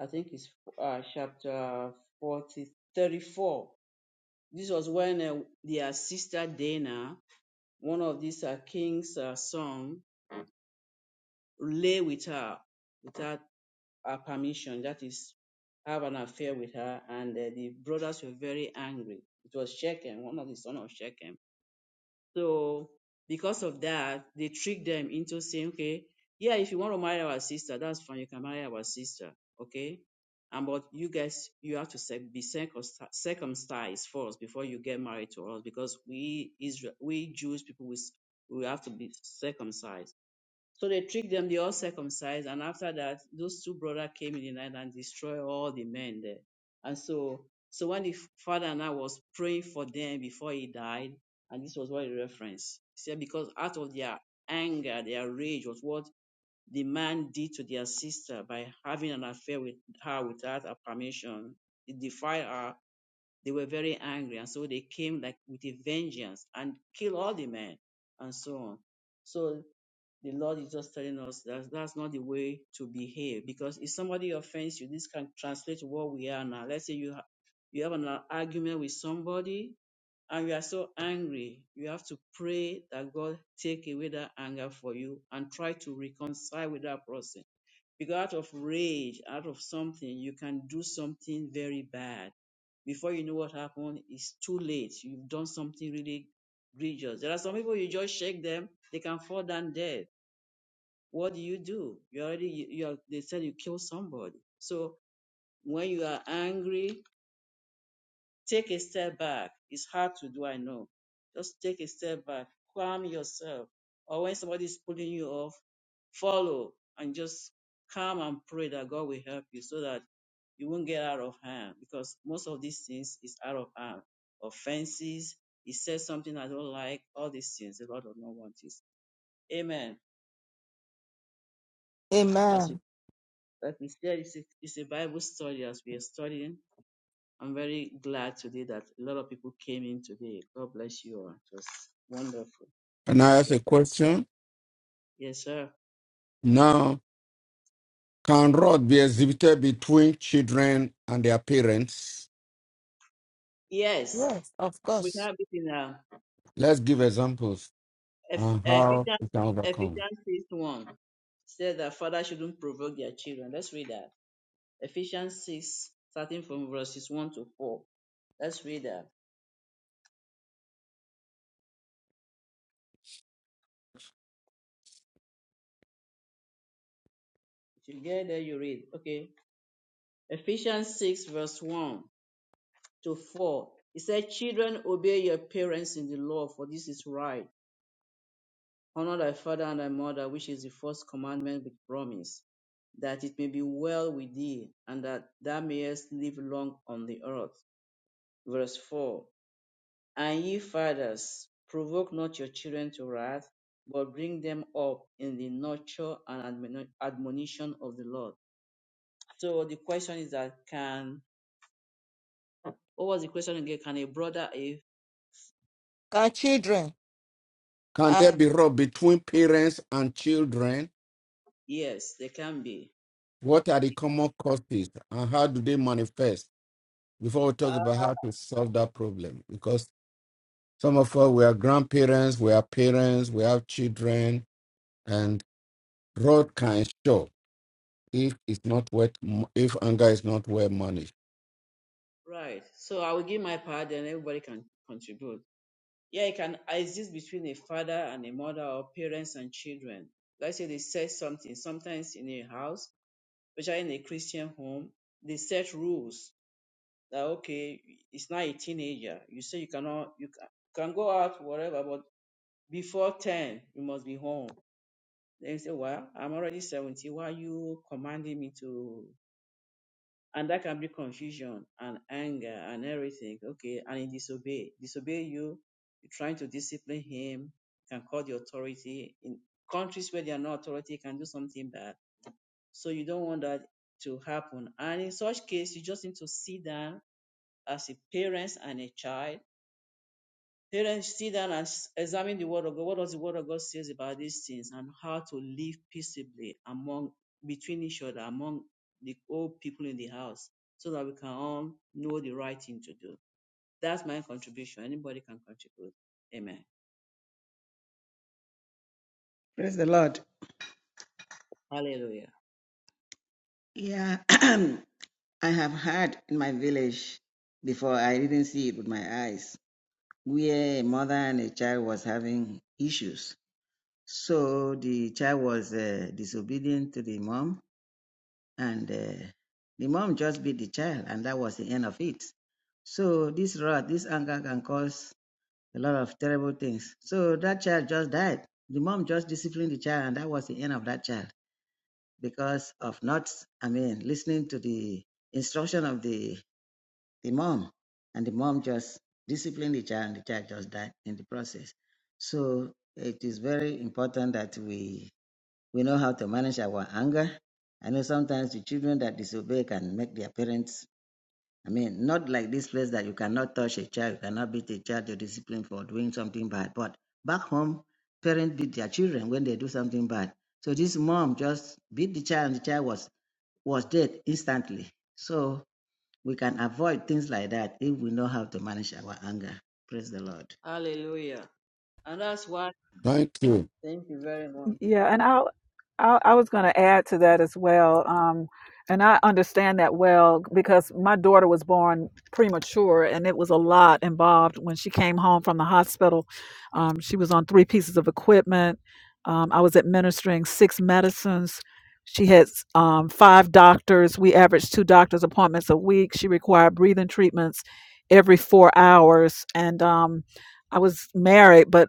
Speaker 1: I think it's uh, chapter 40 34. This was when uh, their sister Dana, one of these uh, king's uh, son, lay with her with her her permission, that is, have an affair with her. And uh, the brothers were very angry. It was Shechem, one of the sons of Shechem. So because of that, they tricked them into saying, okay, yeah, if you want to marry our sister, that's fine. You can marry our sister, okay? And but you guys, you have to circ- be circumci- circumcised first before you get married to us, because we Israel, we Jewish people, we, s- we have to be circumcised. So they tricked them, they all circumcised. And after that, those two brothers came in the night and destroyed all the men there. And so, so when the father now was praying for them before he died, and this was what he referenced. He said, because out of their anger, their rage was what the man did to their sister by having an affair with her without her permission. He defied her. They were very angry. And so they came like with a vengeance and killed all the men and so on. So the Lord is just telling us that that's not the way to behave. Because if somebody offends you, this can translate to what we are now. Let's say you ha- you have an argument with somebody and you are so angry. You have to pray that God take away that anger for you and try to reconcile with that person. Because out of rage, out of something, you can do something very bad before you know what happened, it's too late. You've done something really egregious. There are some people you just shake them, they can fall down dead what do you do? You already, you, you are, they said you kill somebody. So when you are angry, take a step back. It's hard to do, I know. Just take a step back, calm yourself. Or when somebody is pulling you off, follow and just calm and pray that God will help you so that you won't get out of hand because most of these things is out of hand. Offenses, he says something I don't like, all these things, the Lord does not want this. Amen. As
Speaker 2: Amen.
Speaker 1: Like we said, it's a, it's a Bible study as we are studying. I'm very glad today that a lot of people came in today. God bless you all. It was wonderful
Speaker 2: And
Speaker 1: to
Speaker 2: I ask
Speaker 1: share.
Speaker 2: a question.
Speaker 1: Yes, sir.
Speaker 2: Now, can wrath be exhibited between children and their parents?
Speaker 1: Yes,
Speaker 2: Yes, of
Speaker 1: we
Speaker 2: course.
Speaker 1: have it in uh,
Speaker 2: Let's give examples
Speaker 1: Eph-
Speaker 2: on how
Speaker 1: Ephesians
Speaker 2: we can overcome.
Speaker 1: Ephesians 6 1. Said that father shouldn't provoke their children. Let's read that. Ephesians 6, starting from verses 1 to 4. Let's read that. If you get there, you read. Okay. Ephesians 6, verse 1. to 4. he said, Children, obey your parents in the law, for this is right. Honor thy father and thy mother, which is the first commandment with promise, that it may be well with thee, and that thou mayest live long on the earth. Verse 4. And ye fathers, provoke not your children to wrath, but bring them up in the nurture and admonition of the Lord. So the question is that can, what was the question again? Can a brother, if
Speaker 2: Can children? Can there Uh, be rub between parents and children?
Speaker 1: yes, they can be.
Speaker 2: What are the common causes and how do they manifest? Before we talk about how to solve that problem, because some of us we are grandparents, we are parents, we have children, and road can show if it's not well, if anger is not well managed.
Speaker 1: Right. So I will give my part, and everybody can contribute. Yeah, it can exist between a father and a mother or parents and children. Let's say they set something. Sometimes in a house, especially in a Christian home, they set rules that okay, it's not a teenager. You say you cannot, you ca- can go out whatever, but before ten, you must be home. Then you say, well, I'm already seventy. Why are you commanding me to? and that can be confusion and anger and everything. Okay, and he disobey, disobey you. You're trying to discipline him. You can call the authority in countries where there are no authority. you Can do something bad. So you don't want that to happen. And in such case, you just need to sit down as a parent and a child Parents sit down and s- examine the word of God. What does the word of God says about these things and how to live peaceably among between each other, among the old people in the house, so that we can all know the right thing to do. That's my contribution. Anybody can contribute. Amen.
Speaker 3: Praise the Lord.
Speaker 1: Hallelujah.
Speaker 3: Yeah. *clears throat* I have heard in my village before, I didn't see it with my eyes, where a mother and a child was having issues. So the child was uh, disobedient to the mom, and uh, the mom just beat the child, and that was the end of it. So this wrath, this anger can cause a lot of terrible things. So that child just died. The mom just disciplined the child, and that was the end of that child because of not, I mean, listening to the instruction of the the mom, and the mom just disciplined the child, and the child just died in the process. So it is very important that we we know how to manage our anger. I know sometimes the children that disobey can make their parents. I mean, not like this place that you cannot touch a child, you cannot beat a child, you're disciplined for doing something bad. But back home, parents beat their children when they do something bad. So this mom just beat the child, and the child was was dead instantly. So we can avoid things like that if we know how to manage our anger. Praise the Lord.
Speaker 1: Hallelujah. And that's why
Speaker 2: Thank you.
Speaker 1: thank you very much.
Speaker 4: Yeah, and I, I, I was going to add to that as well. Um, and I understand that well because my daughter was born premature, and it was a lot involved when she came home from the hospital. Um, she was on three pieces of equipment. Um, I was administering six medicines. She had um, five doctors. We averaged two doctor's appointments a week. She required breathing treatments every four hours, and um, I was married, but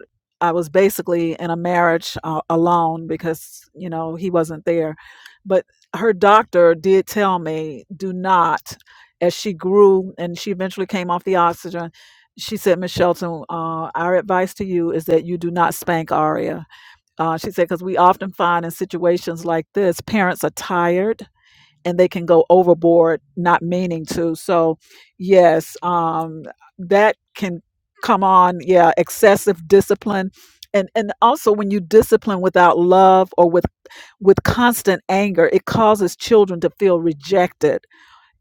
Speaker 4: I was basically in a marriage uh, alone because you know he wasn't there. But her doctor did tell me, do not. As she grew and she eventually came off the oxygen, she said, Miss Shelton, uh, our advice to you is that you do not spank Aria. Uh, she said, because we often find in situations like this, parents are tired and they can go overboard not meaning to so yes um that can come on yeah excessive discipline and and also when you discipline without love or with with constant anger it causes children to feel rejected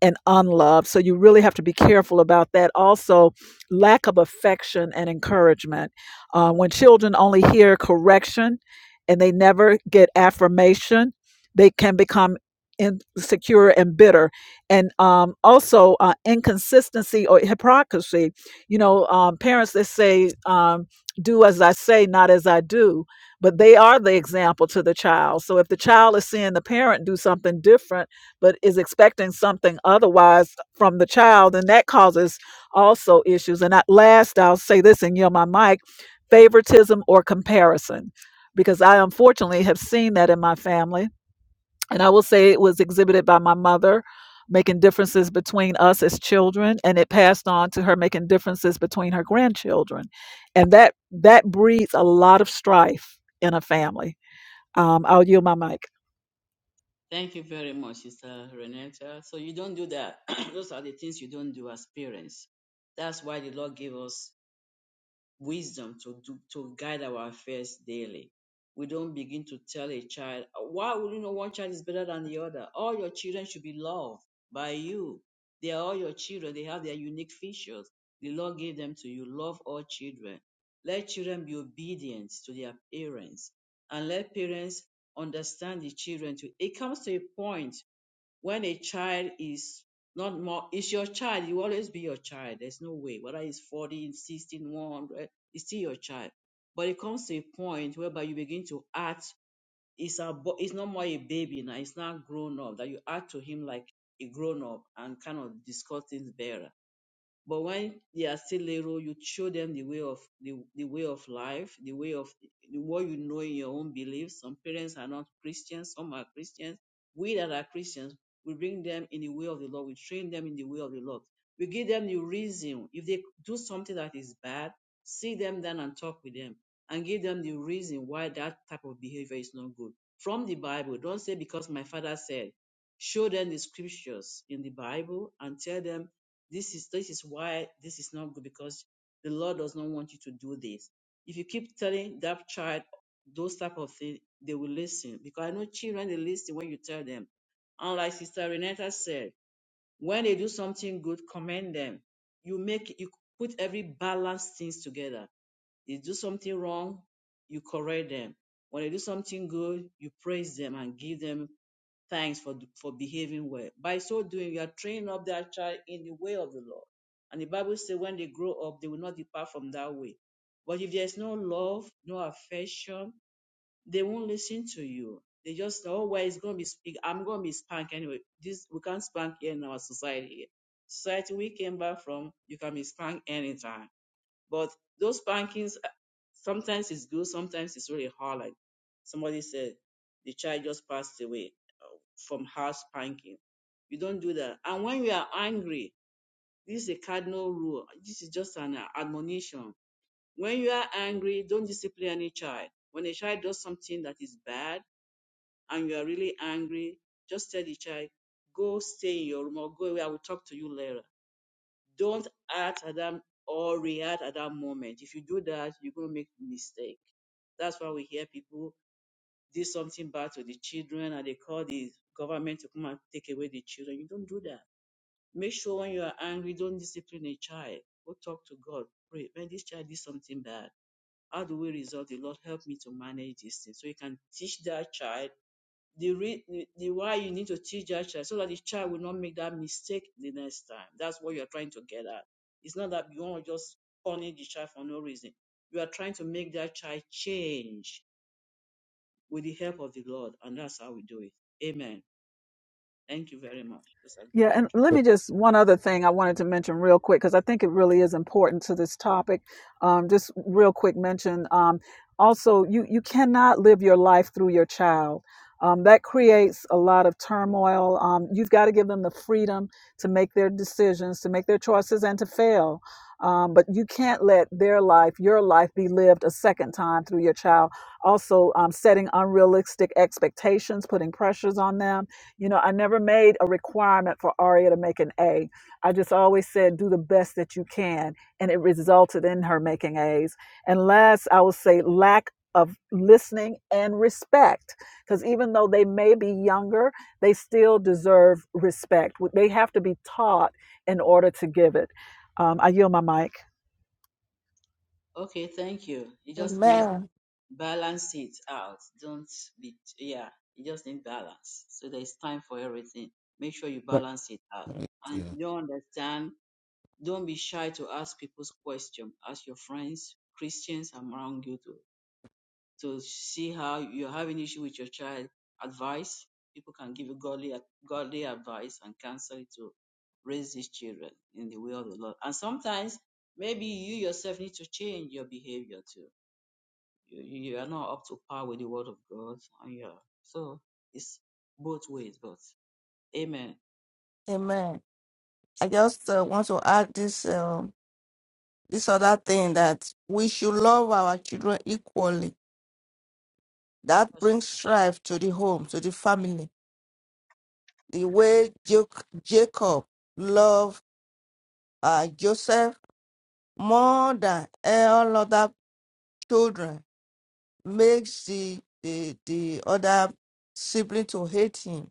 Speaker 4: and unloved. So you really have to be careful about that. Also, lack of affection and encouragement. Uh, when children only hear correction and they never get affirmation, they can become insecure and bitter. And um, also, uh, inconsistency or hypocrisy. You know, um, parents that say, um, do as I say, not as I do, but they are the example to the child. So if the child is seeing the parent do something different, but is expecting something otherwise from the child, and that causes also issues. And at last, I'll say this and yield my mic favoritism or comparison, because I unfortunately have seen that in my family. And I will say it was exhibited by my mother making differences between us as children and it passed on to her making differences between her grandchildren and that that breeds a lot of strife in a family um, i'll yield my mic
Speaker 1: Thank you very much, Sister Renata. So you don't do that. *clears throat* Those are the things you don't do as parents. That's why the Lord gave us wisdom to do to guide our affairs daily. We don't begin to tell a child, why would you know one child is better than the other? All your children should be loved by you. They are all your children. They have their unique features. The Lord gave them to you. Love all children. Let children be obedient to their parents and let parents understand the children too. It comes to a point when a child is not more it's your child you always be your child there's no way whether it's 14 16 100 it's still your child but it comes to a point whereby you begin to act it's a bo- it's not more a baby now it's not grown up that you act to him like a grown up and kind of discuss things better but when they are still little, you show them the way of the, the way of life, the way of the, what you know in your own beliefs. Some parents are not Christians, some are Christians. We that are Christians, we bring them in the way of the Lord. We train them in the way of the Lord. We give them the reason. If they do something that is bad, sit them down and talk with them and give them the reason why that type of behavior is not good. From the Bible, don't say because my father said. Show them the scriptures in the Bible and tell them this is this is why this is not good because the Lord does not want you to do this. If you keep telling that child those type of things, they will listen. Because I know children they listen when you tell them. And like Sister Renata said, when they do something good, commend them. You make you put every balanced things together they do something wrong, you correct them. When they do something good, you praise them and give them thanks for for behaving well. By so doing, you are training up that child in the way of the Lord. And the Bible says, when they grow up, they will not depart from that way. But if there is no love, no affection, they won't listen to you. They just know, oh, well, it's going to be speak. I'm going to be spanked anyway. This we can't spank here in our society. Society we came back from, you can be spanked anytime. But those spankings uh, sometimes it's good, sometimes it's really hard. Like somebody said, the child just passed away from house spanking. You don't do that. And when you are angry, this is a cardinal rule. This is just an uh, admonition. When you are angry, don't discipline any child. When a child does something that is bad and you are really angry, just tell the child, go stay in your room or go away. I will talk to you later don't act at that or react at that moment. If you do that, you're going to make a mistake. That's why we hear people do something bad to the children and they call the government to come and take away the children. You don't do that. Make sure when you are angry, don't discipline a child. Go talk to God. Pray. When this child did something bad, how do we resolve? The Lord help me to manage this thing. So you can teach that child the, re- the the why you need to teach that child so that the child will not make that mistake the next time. That's what you're trying to get at. It's not that you want to just punish the child for no reason. You are trying to make that child change with the help of the Lord, and that's how we do it. Amen. Thank you very much. That's a good
Speaker 4: Yeah, and
Speaker 1: contribution.
Speaker 4: let me just one other thing I wanted to mention real quick because I think it really is important to this topic. Um, just real quick mention. Um, also, you you cannot live your life through your child. Um, that creates a lot of turmoil. Um, you've got to give them the freedom to make their decisions, to make their choices, and to fail. Um, but you can't let their life, your life, be lived a second time through your child. Also, um, setting unrealistic expectations, putting pressures on them you know, I never made a requirement for Aria to make an A. I just always said, do the best that you can. And it resulted in her making A's. And last, I would say lack of listening and respect. Because even though they may be younger, they still deserve respect. They have to be taught in order to give it. Um, I yield my mic.
Speaker 1: Okay, thank you. It just means
Speaker 2: amen.
Speaker 1: balance it out. Don't be yeah. You just need balance. So there is time for everything. Make sure you balance it out. And if
Speaker 2: Yeah.
Speaker 1: you don't understand Don't be shy to ask people's question. Ask your friends, Christians around you to, to see how you have an issue with your child. Advice. People can give you godly, godly advice and counsel to raise these children in the way of the Lord. And sometimes maybe you yourself need to change your behavior too. You, you are not up to par with the word of God. And yeah. So it's both ways, but amen.
Speaker 2: Amen. I just want to add this um, this other thing that we should love our children equally. That brings strife to the home, to the family. The way Jo- Jacob loved uh, Joseph more than all other children makes the, the, the other sibling to hate him.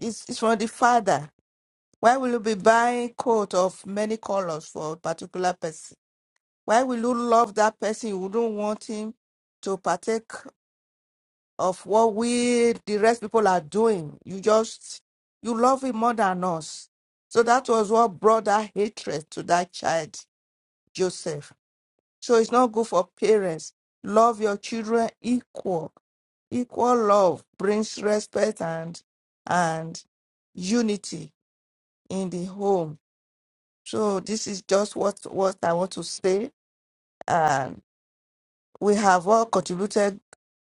Speaker 2: It's, it's from the father. Why will you be buying coat of many colors for a particular person? Why will you love that person? You don't want him to partake. of what we the rest people are doing. You just you love him more than us. So that was what brought that hatred to that child, Joseph. So it's not good for parents. Love your children equal. Equal love brings respect and and unity in the home. So this is just what what I want to say. And we have all contributed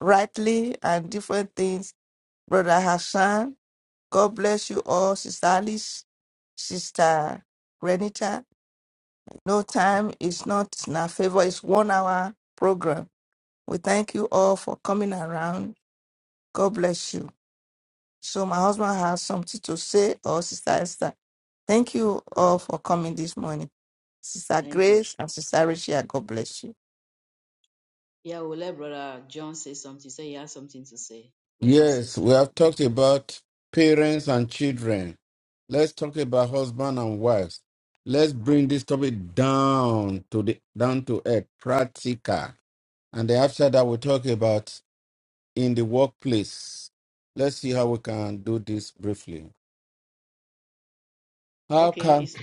Speaker 2: rightly and different things. Brother Hassan God bless you all, Sister Alice, Sister Renita. No time is not in our favor. It's one hour program. We thank you all for coming around. God bless you. So my husband has something to say, or Sister Esther. Thank you all for coming this morning. Sister
Speaker 1: Thank you.
Speaker 2: Grace and Sister Richia, God bless you.
Speaker 1: Yeah, we'll let Brother John say something. He said he has something to say. Let him say
Speaker 2: Yes, we
Speaker 1: something.
Speaker 2: have talked about parents and children. Let's talk about husband and wives. Let's bring this topic down to the down to earth, practical. And then after that, we'll talk about in the workplace. Let's see how we can do this briefly.
Speaker 1: Okay, it's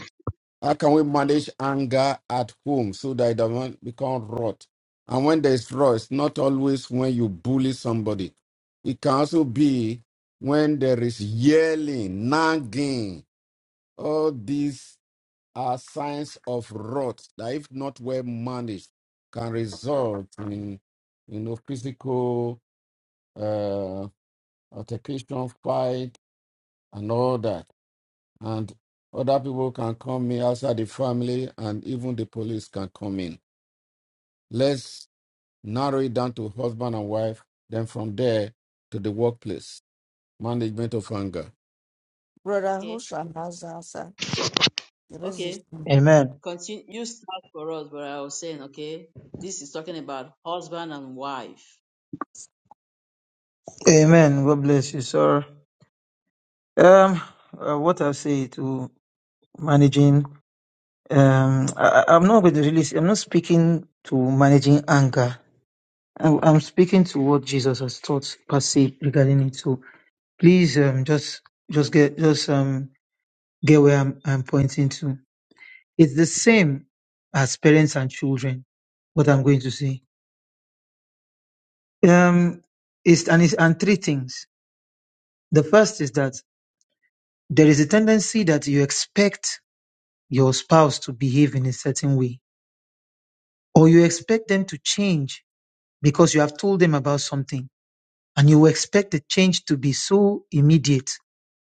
Speaker 2: How can we manage anger at home so that it doesn't become rot? And when there's rot, it's not always when you bully somebody. It can also be when there is yelling, nagging. All these are signs of rot that, if not well managed, can result in you know physical uh, altercation, fight, and all that and other people can come in outside the family and even the police can come in. Let's narrow it down to husband and wife, then from there to the workplace, management of anger. Brother
Speaker 1: okay.
Speaker 2: Husham has the answer? There is this.
Speaker 1: Okay.
Speaker 5: Amen.
Speaker 1: Continue you start for us, Brother. I was saying, okay, this is talking about husband and wife.
Speaker 5: Amen. God bless you, sir. Um, uh, what I say to managing. Um, I, I- I'm not going to really. I'm not speaking to managing anger. I, I'm speaking to what Jesus has taught per se regarding it. So please, um, just just get just um get where I'm I'm pointing to. It's the same as parents and children. What I'm going to say. Um, it's and it's and three things. The first is that there is a tendency that you expect your spouse to behave in a certain way, or you expect them to change because you have told them about something and you expect the change to be so immediate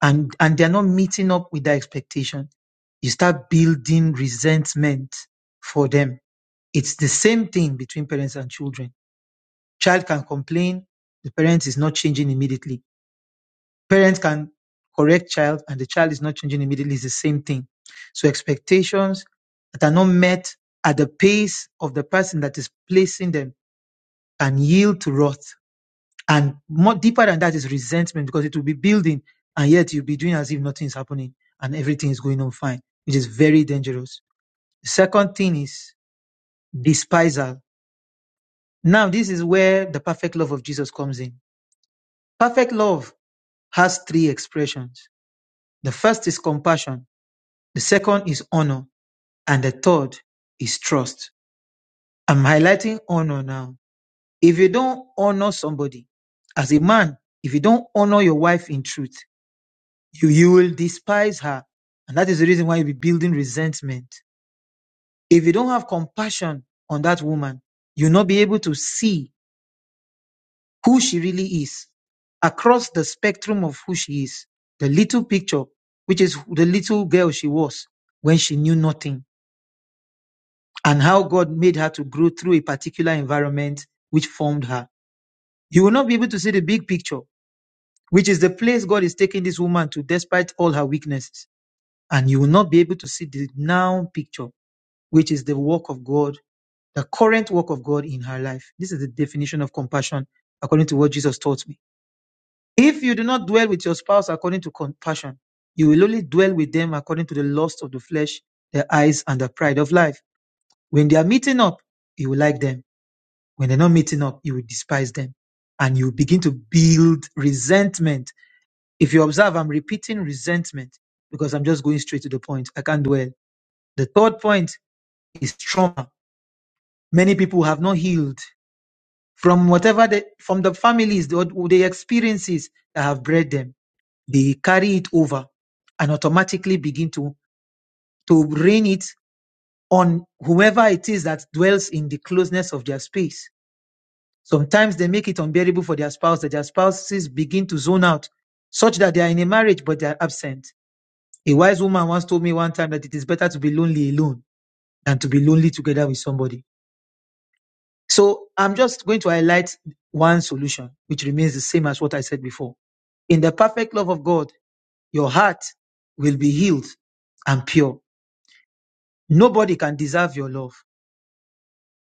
Speaker 5: and and they're not meeting up with that expectation you start building resentment for them it's the same thing between parents and children child can complain the parent is not changing immediately parent can correct child and the child is not changing immediately it's the same thing so expectations that are not met at the pace of the person that is placing them can yield to wrath And more deeper than that is resentment because it will be building and yet you'll be doing as if nothing is happening and everything is going on fine. which is very dangerous. The second thing is despisal. Now, this is where the perfect love of Jesus comes in. Perfect love has three expressions. The first is compassion. The second is honor. And the third is trust. I'm highlighting honor now. If you don't honor somebody as a man, if you don't honor your wife in truth, you, you will despise her. And that is the reason why you'll be building resentment. If you don't have compassion on that woman, you'll not be able to see who she really is across the spectrum of who she is. The little picture, which is the little girl she was when she knew nothing and how God made her to grow through a particular environment which formed her. You will not be able to see the big picture, which is the place God is taking this woman to despite all her weaknesses. And you will not be able to see the now picture which is the work of God, the current work of God in her life. This is the definition of compassion according to what Jesus taught me. If you do not dwell with your spouse according to compassion, you will only dwell with them according to the lust of the flesh, their eyes, and the pride of life. When they are meeting up, you will like them. When they're not meeting up, you will despise them. And you begin to build resentment. If you observe, I'm repeating resentment because I'm just going straight to the point. I can't dwell. The third point is trauma. Many people have not healed from whatever the from the families the, the experiences that have bred them they carry it over and automatically begin to to rain it on whoever it is that dwells in the closeness of their space sometimes they make it unbearable for their spouse that their spouses begin to zone out such that they are in a marriage but they are absent a wise woman once told me one time that it is better to be lonely alone than to be lonely together with somebody so i'm just going to highlight one solution which remains the same as what i said before In the perfect love of God, your heart will be healed and pure. Nobody can deserve your love.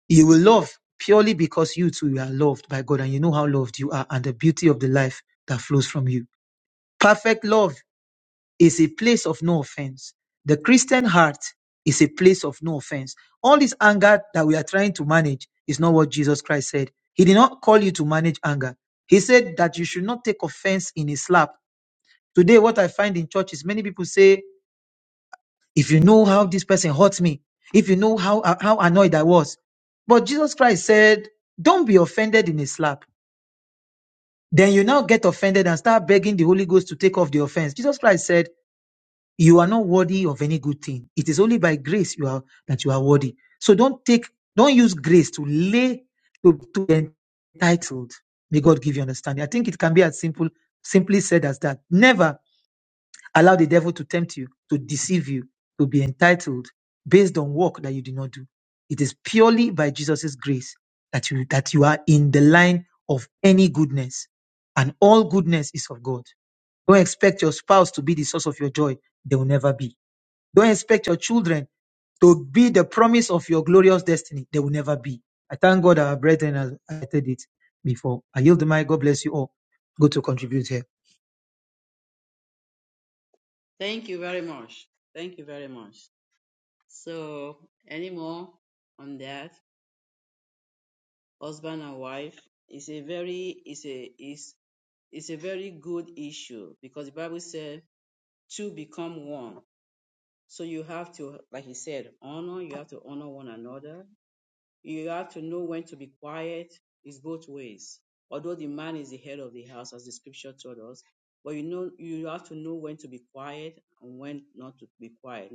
Speaker 5: You will love purely because you too are loved by God and you know how loved you are and the beauty of the life that flows from you. Perfect love is a place of no offense. The Christian heart is a place of no offense. All this anger that we are trying to manage is not what Jesus Christ said. He did not call you to manage anger. He said that you should not take offense in a slap. Today, what I find in church is many people say If you know how this person hurt me, if you know how, how annoyed I was. But Jesus Christ said, Don't be offended in a slap. Then you now get offended and start begging the Holy Ghost to take off the offense. Jesus Christ said, You are not worthy of any good thing. It is only by grace you are that you are worthy. So don't take, don't use grace to lay to, to be entitled. May God give you understanding. I think it can be as simple, simply said as that. Never. Allow the devil to tempt you, to deceive you, to be entitled based on work that you did not do. It is purely by Jesus' grace that you, that you are in the line of any goodness. And all goodness is of God. Don't expect your spouse to be the source of your joy. They will never be. Don't expect your children to be the promise of your glorious destiny. They will never be. I thank God our brethren has said it before. I yield the mic. God bless you all. Go to contribute here.
Speaker 1: Thank you very much. Thank you very much. So any more on that? Husband and wife is a very is a is is a very good issue because the Bible said two become one. So you have to, like he said, honor, you have to honor one another You have to know when to be quiet. It's both ways. Although the man is the head of the house, as the scripture told us, but you know you have to know when to be quiet and when not to be quiet.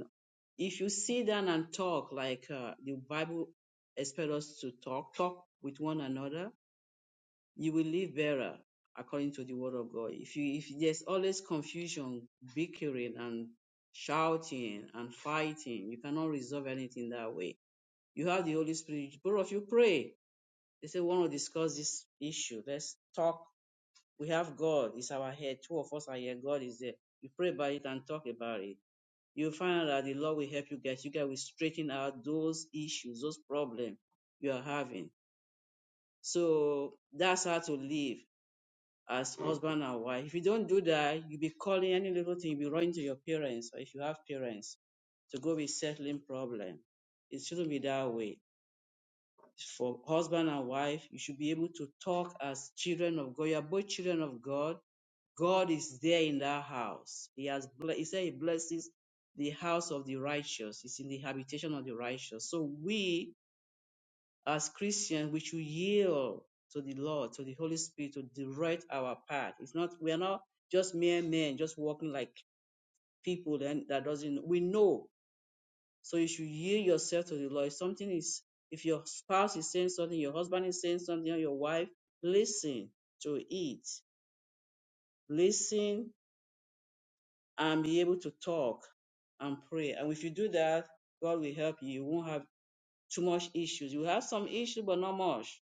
Speaker 1: If you sit down and talk like uh, the Bible expects us to talk, talk with one another, you will live better according to the word of God. If you if there's always confusion, bickering and shouting and fighting, you cannot resolve anything that way. You have the Holy Spirit. Both of you pray they say, we want to discuss this issue. Let's talk. We have God. It's our head. Two of us are here. God is there. You pray about it and talk about it. You'll find out that the Lord will help you guys. You guys will straighten out those issues, those problems you are having. So that's how to live as husband and wife. If you don't do that, you'll be calling any little thing, you'll be running to your parents, or if you have parents, to go with settling problem. It shouldn't be that way for husband and wife. You should be able to talk as children of God. You are both children of God. God is there in that house. He has ble- he said he blesses the house of the righteous. It's in the habitation of the righteous. So we as Christians, we should yield to the Lord, to the Holy Spirit, to direct our path. It's not we are not just mere men, just walking like people then that doesn't we know so you should yield yourself to the Lord. If something is, if your spouse is saying something, your husband is saying something, or your wife, listen to it. Listen and be able to talk and pray. And if you do that, God will help you. You won't have too much issues. You have some issues, but not much.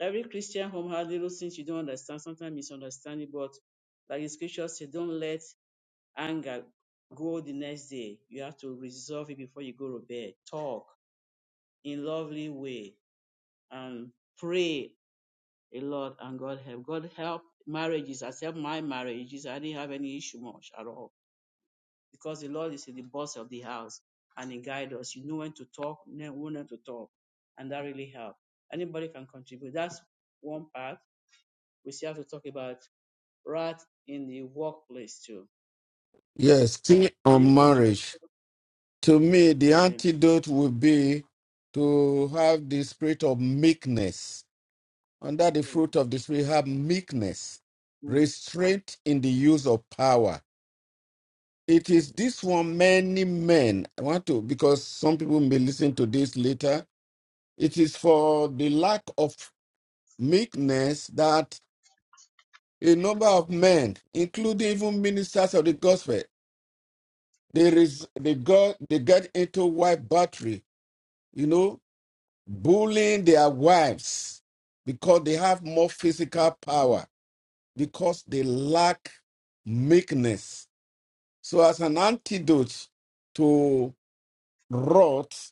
Speaker 1: Every Christian home has little things you don't understand, sometimes misunderstanding, but like the scripture said, don't let anger go the next day. You have to resolve it before you go to bed. Talk in lovely way and pray a lot and God help. God help marriages. As help my marriages. I didn't have any issue much at all because the Lord is in the boss of the house and He guide us. You know when to talk, know when to talk, and that really help. Anybody can contribute. That's one part. We still have to talk about right in the workplace too.
Speaker 2: Yes, thing
Speaker 1: And you
Speaker 2: on
Speaker 1: contribute.
Speaker 2: marriage. To me, the
Speaker 1: Okay.
Speaker 2: antidote would be to have the spirit of meekness. Under the
Speaker 1: Amen.
Speaker 2: fruit of the spirit, have meekness,
Speaker 1: Mm.
Speaker 2: restraint in the use of power. It is this one, many men. I want to, because some people may listen to this later. It is for the lack of meekness that a number of men, including even ministers of the gospel, they, res, they, got, they get into wife battery, you know, bullying their wives because they have more physical power, because they lack meekness. So, as an antidote to wrath,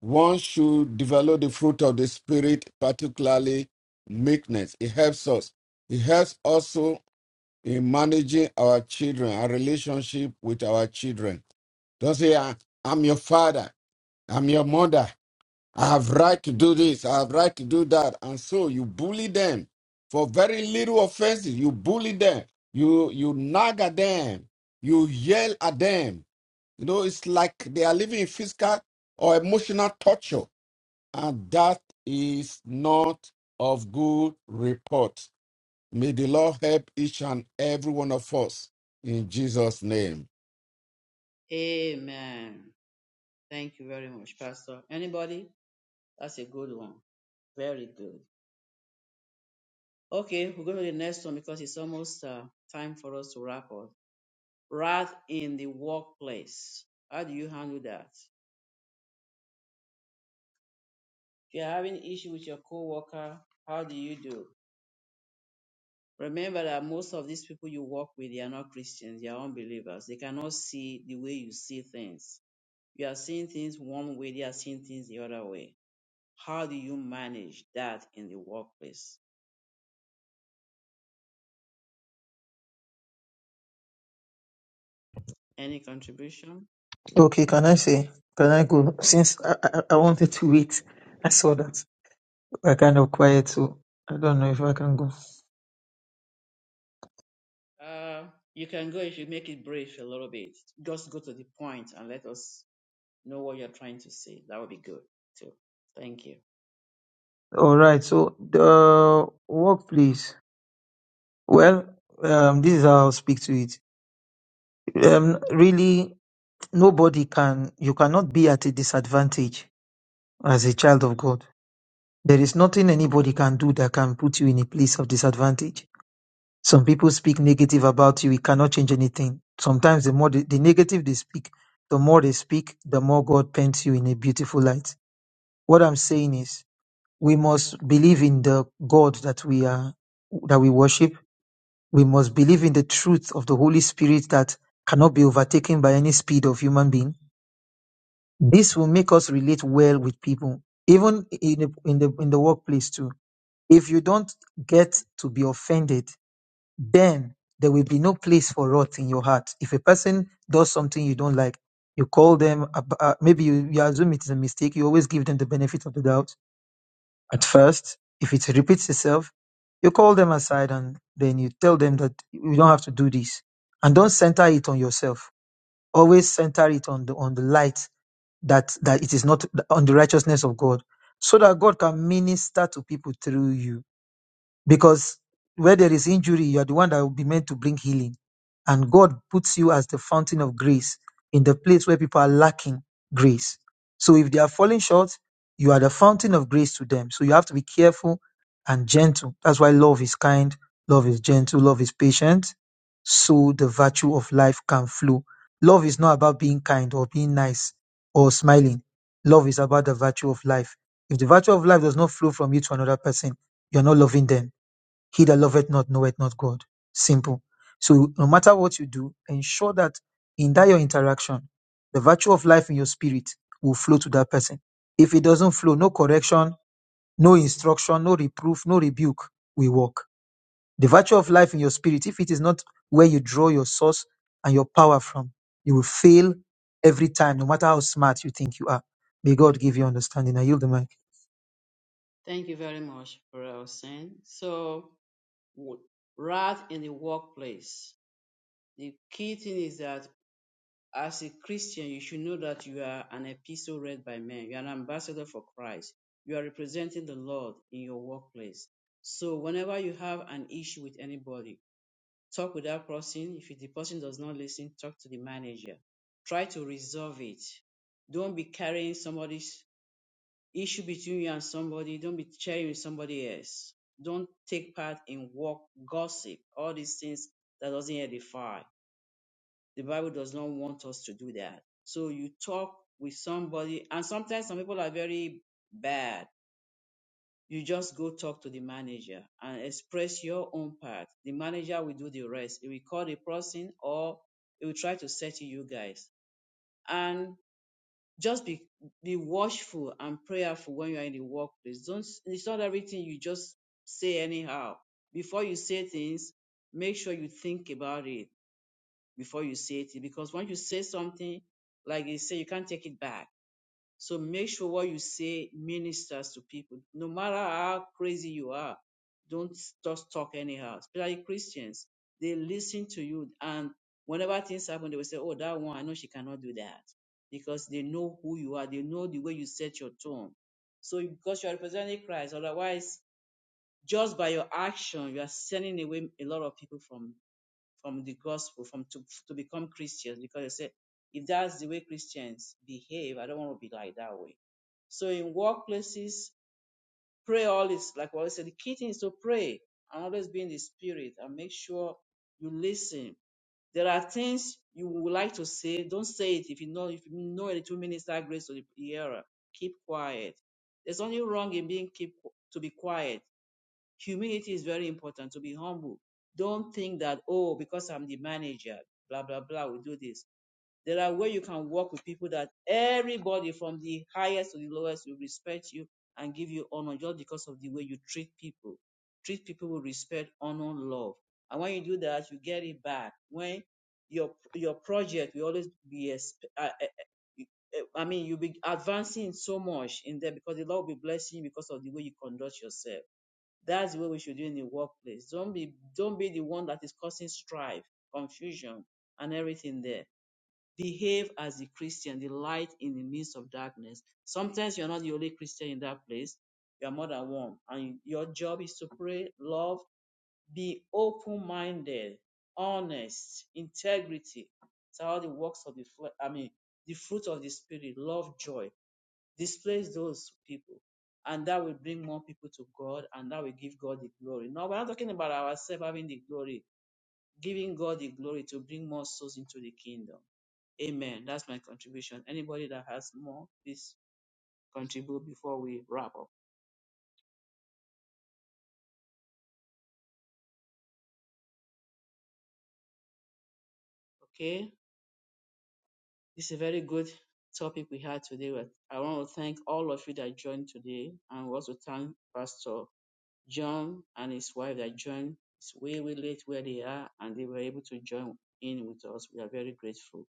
Speaker 2: One should develop the fruit of the Spirit, particularly meekness. It helps us. It helps also in managing our children, our relationship with our children. Don't say, "I- I'm your father, I'm your mother, I have right to do this, I have right to do that. And so you bully them for very little offenses. You bully them, you, you nag at them, you yell at them. You know, it's like they are living in physical or emotional torture and that is not of good report. May the Lord help each and every one of us in Jesus' name.
Speaker 1: Amen. Thank you very much, Pastor. Anybody? That's a good one. Very good. Okay, we'll go to the next one because it's almost uh, time for us to wrap up. Wrath in the workplace. How do you handle that? If you're having issue with your coworker, how do you do? Remember that most of these people you work with, they are not Christians, they are unbelievers. They cannot see the way you see things. You are seeing things one way, they are seeing things the other way. How do you manage that in the workplace? Any contribution?
Speaker 5: Okay, can I say? Can I go? Since I, I, I wanted to wait, I saw that we're kind of quiet, so I don't know if I can go.
Speaker 1: Uh, you can go if you make it brief a little bit. Just go to the point and let us know what you're trying to say. That would be good too. Thank you.
Speaker 5: All right, so the workplace. Well, um, this is how I'll speak to it. Um, really, nobody can, you cannot be at a disadvantage as a child of God. There is nothing anybody can do that can put you in a place of disadvantage Some people speak negative about you. It cannot change anything. Sometimes the more the, the negative they speak, the more they speak, the more God paints you in a beautiful light. What I'm saying is we must believe in the God that we are that we worship. We must believe in the truth of the Holy Spirit that cannot be overtaken by any speed of human being. This will make us relate well with people, even in the, in the in the workplace too. If you don't get to be offended then there will be no place for wrath in your heart. If a person does something you don't like, you call them, ab- uh, maybe you, you assume it is a mistake, you always give them the benefit of the doubt at first. If it repeats itself, you call them aside and then you tell them that you don't have to do this. And don't center it on yourself. Always center it on the, on the light that, that it is not on the righteousness of God so that God can minister to people through you because where there is injury, you are the one that will be meant to bring healing. And God puts you as the fountain of grace in the place where people are lacking grace. So if they are falling short, you are the fountain of grace to them. So you have to be careful and gentle. That's why love is kind, love is gentle, love is patient. So the virtue of life can flow. Love is not about being kind or being nice or smiling. Love is about the virtue of life. If the virtue of life does not flow from you to another person, you're not loving them he that loveth not knoweth not God. Simple. So no matter what you do, ensure that in that your interaction, the virtue of life in your spirit will flow to that person. If it doesn't flow, no correction, no instruction, no reproof, no rebuke will work. The virtue of life in your spirit, if it is not where you draw your source and your power from, you will fail every time, no matter how smart you think you are. May God give you understanding. I yield the mic.
Speaker 1: Thank you very much, Brother Hussein. So, w- wrath in the workplace. The key thing is that as a Christian, you should know that you are an epistle read by men. You are an ambassador for Christ. You are representing the Lord in your workplace. So, whenever you have an issue with anybody, Talk without crossing. If the person does not listen, talk to the manager. Try to resolve it. Don't be carrying somebody's issue between you and somebody. Don't be sharing with somebody else. Don't take part in work gossip. All these things that doesn't edify. The Bible does not want us to do that. So you talk with somebody, and sometimes some people are very bad you just go talk to the manager and express your own part. The manager will do the rest. He will call the person or he will try to settle you guys. And just be be watchful and prayerful when you are in the workplace. Don't it's not everything you just say anyhow. Before you say things, make sure you think about it before you say it. Because once you say something, like you say, you can't take it back so make sure what you say ministers to people. No matter how crazy you are, don't just talk anyhow. Especially Christians, they listen to you. And whenever things happen, they will say, Oh, that one, I know she cannot do that. Because they know who you are, they know the way you set your tone. So because you are representing Christ, otherwise, just by your action, you are sending away a lot of people from from the gospel, from to, to become Christians, because they say, if that's the way Christians behave, I don't want to be like that way. So in workplaces, pray always, like what I said, the key thing is to pray and always be in the spirit and make sure you listen. There are things you would like to say, don't say it if you know if you know any two minister grace to the hearer. Keep quiet. There's nothing wrong in being keep to be quiet. Humility is very important to be humble. Don't think that, oh, because I'm the manager, blah, blah, blah, we do this. There are ways you can work with people that everybody from the highest to the lowest will respect you and give you honor just because of the way you treat people. Treat people with respect, honor, love. And when you do that, you get it back. When your your project will always be exp- uh, uh, uh, eh, I mean, you'll be advancing so much in there because the Lord will be blessing you because of the way you conduct yourself. That's the way we should do in the workplace. Don't be don't be the one that is causing strife, confusion, and everything there. Behave as a Christian, the light in the midst of darkness. Sometimes you're not the only Christian in that place. You are more than one. And your job is to pray, love, be open-minded, honest, integrity. It's all the works of the flesh. I mean, the fruit of the spirit, love, joy displace those people. And that will bring more people to God and that will give God the glory. Now, we're not talking about ourselves having the glory, giving God the glory to bring more souls into the kingdom. Amen. That's my contribution. Anybody that has more, please contribute before we wrap up. Okay? This is a very good topic we had today. I want to thank all of you that joined today and we also thank Pastor John and his wife that joined us way, way late where they are, and they were able to join in with us. We are very grateful.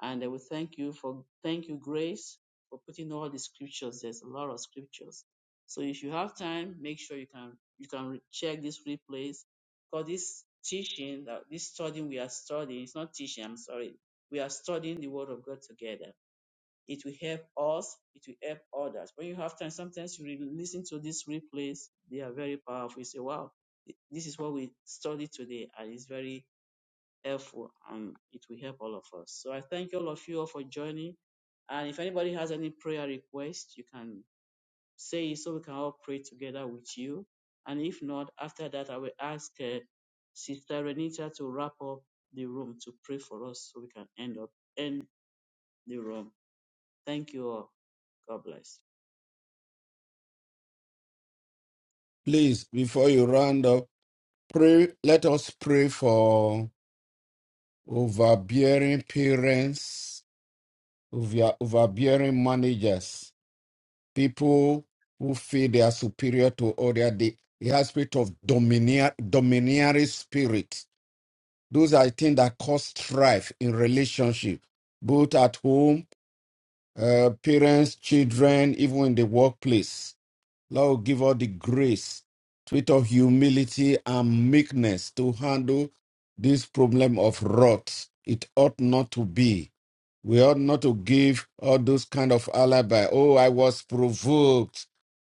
Speaker 1: And I will thank you for, thank you, Grace, for putting all the scriptures. There's a lot of scriptures. So if you have time, make sure you can, you can check this replays for this teaching, that this studying we are studying, it's not teaching, I'm sorry. We are studying the word of God together. It will help us. It will help others. When you have time, sometimes you re- listen to these replays. They are very powerful. You say, wow, this is what we studied today and it's very helpful and it will help all of us. So I thank all of you all for joining. And if anybody has any prayer request, you can say it so we can all pray together with you. And if not, after that, I will ask uh, Sister Renita to wrap up the room to pray for us so we can end up end the room. Thank you all. God bless.
Speaker 2: Please, before you round up, pray. Let us pray for overbearing parents, over, overbearing managers, people who feel they are superior to others. They, they have spirit of domineer, domineering spirit Those are things that cause strife in relationship, both at home, uh, parents, children, even in the workplace. Lord, give us the grace, spirit of humility and meekness to handle this problem of wrath. It ought not to be. We ought not to give all those kind of alibi. Oh, I was provoked.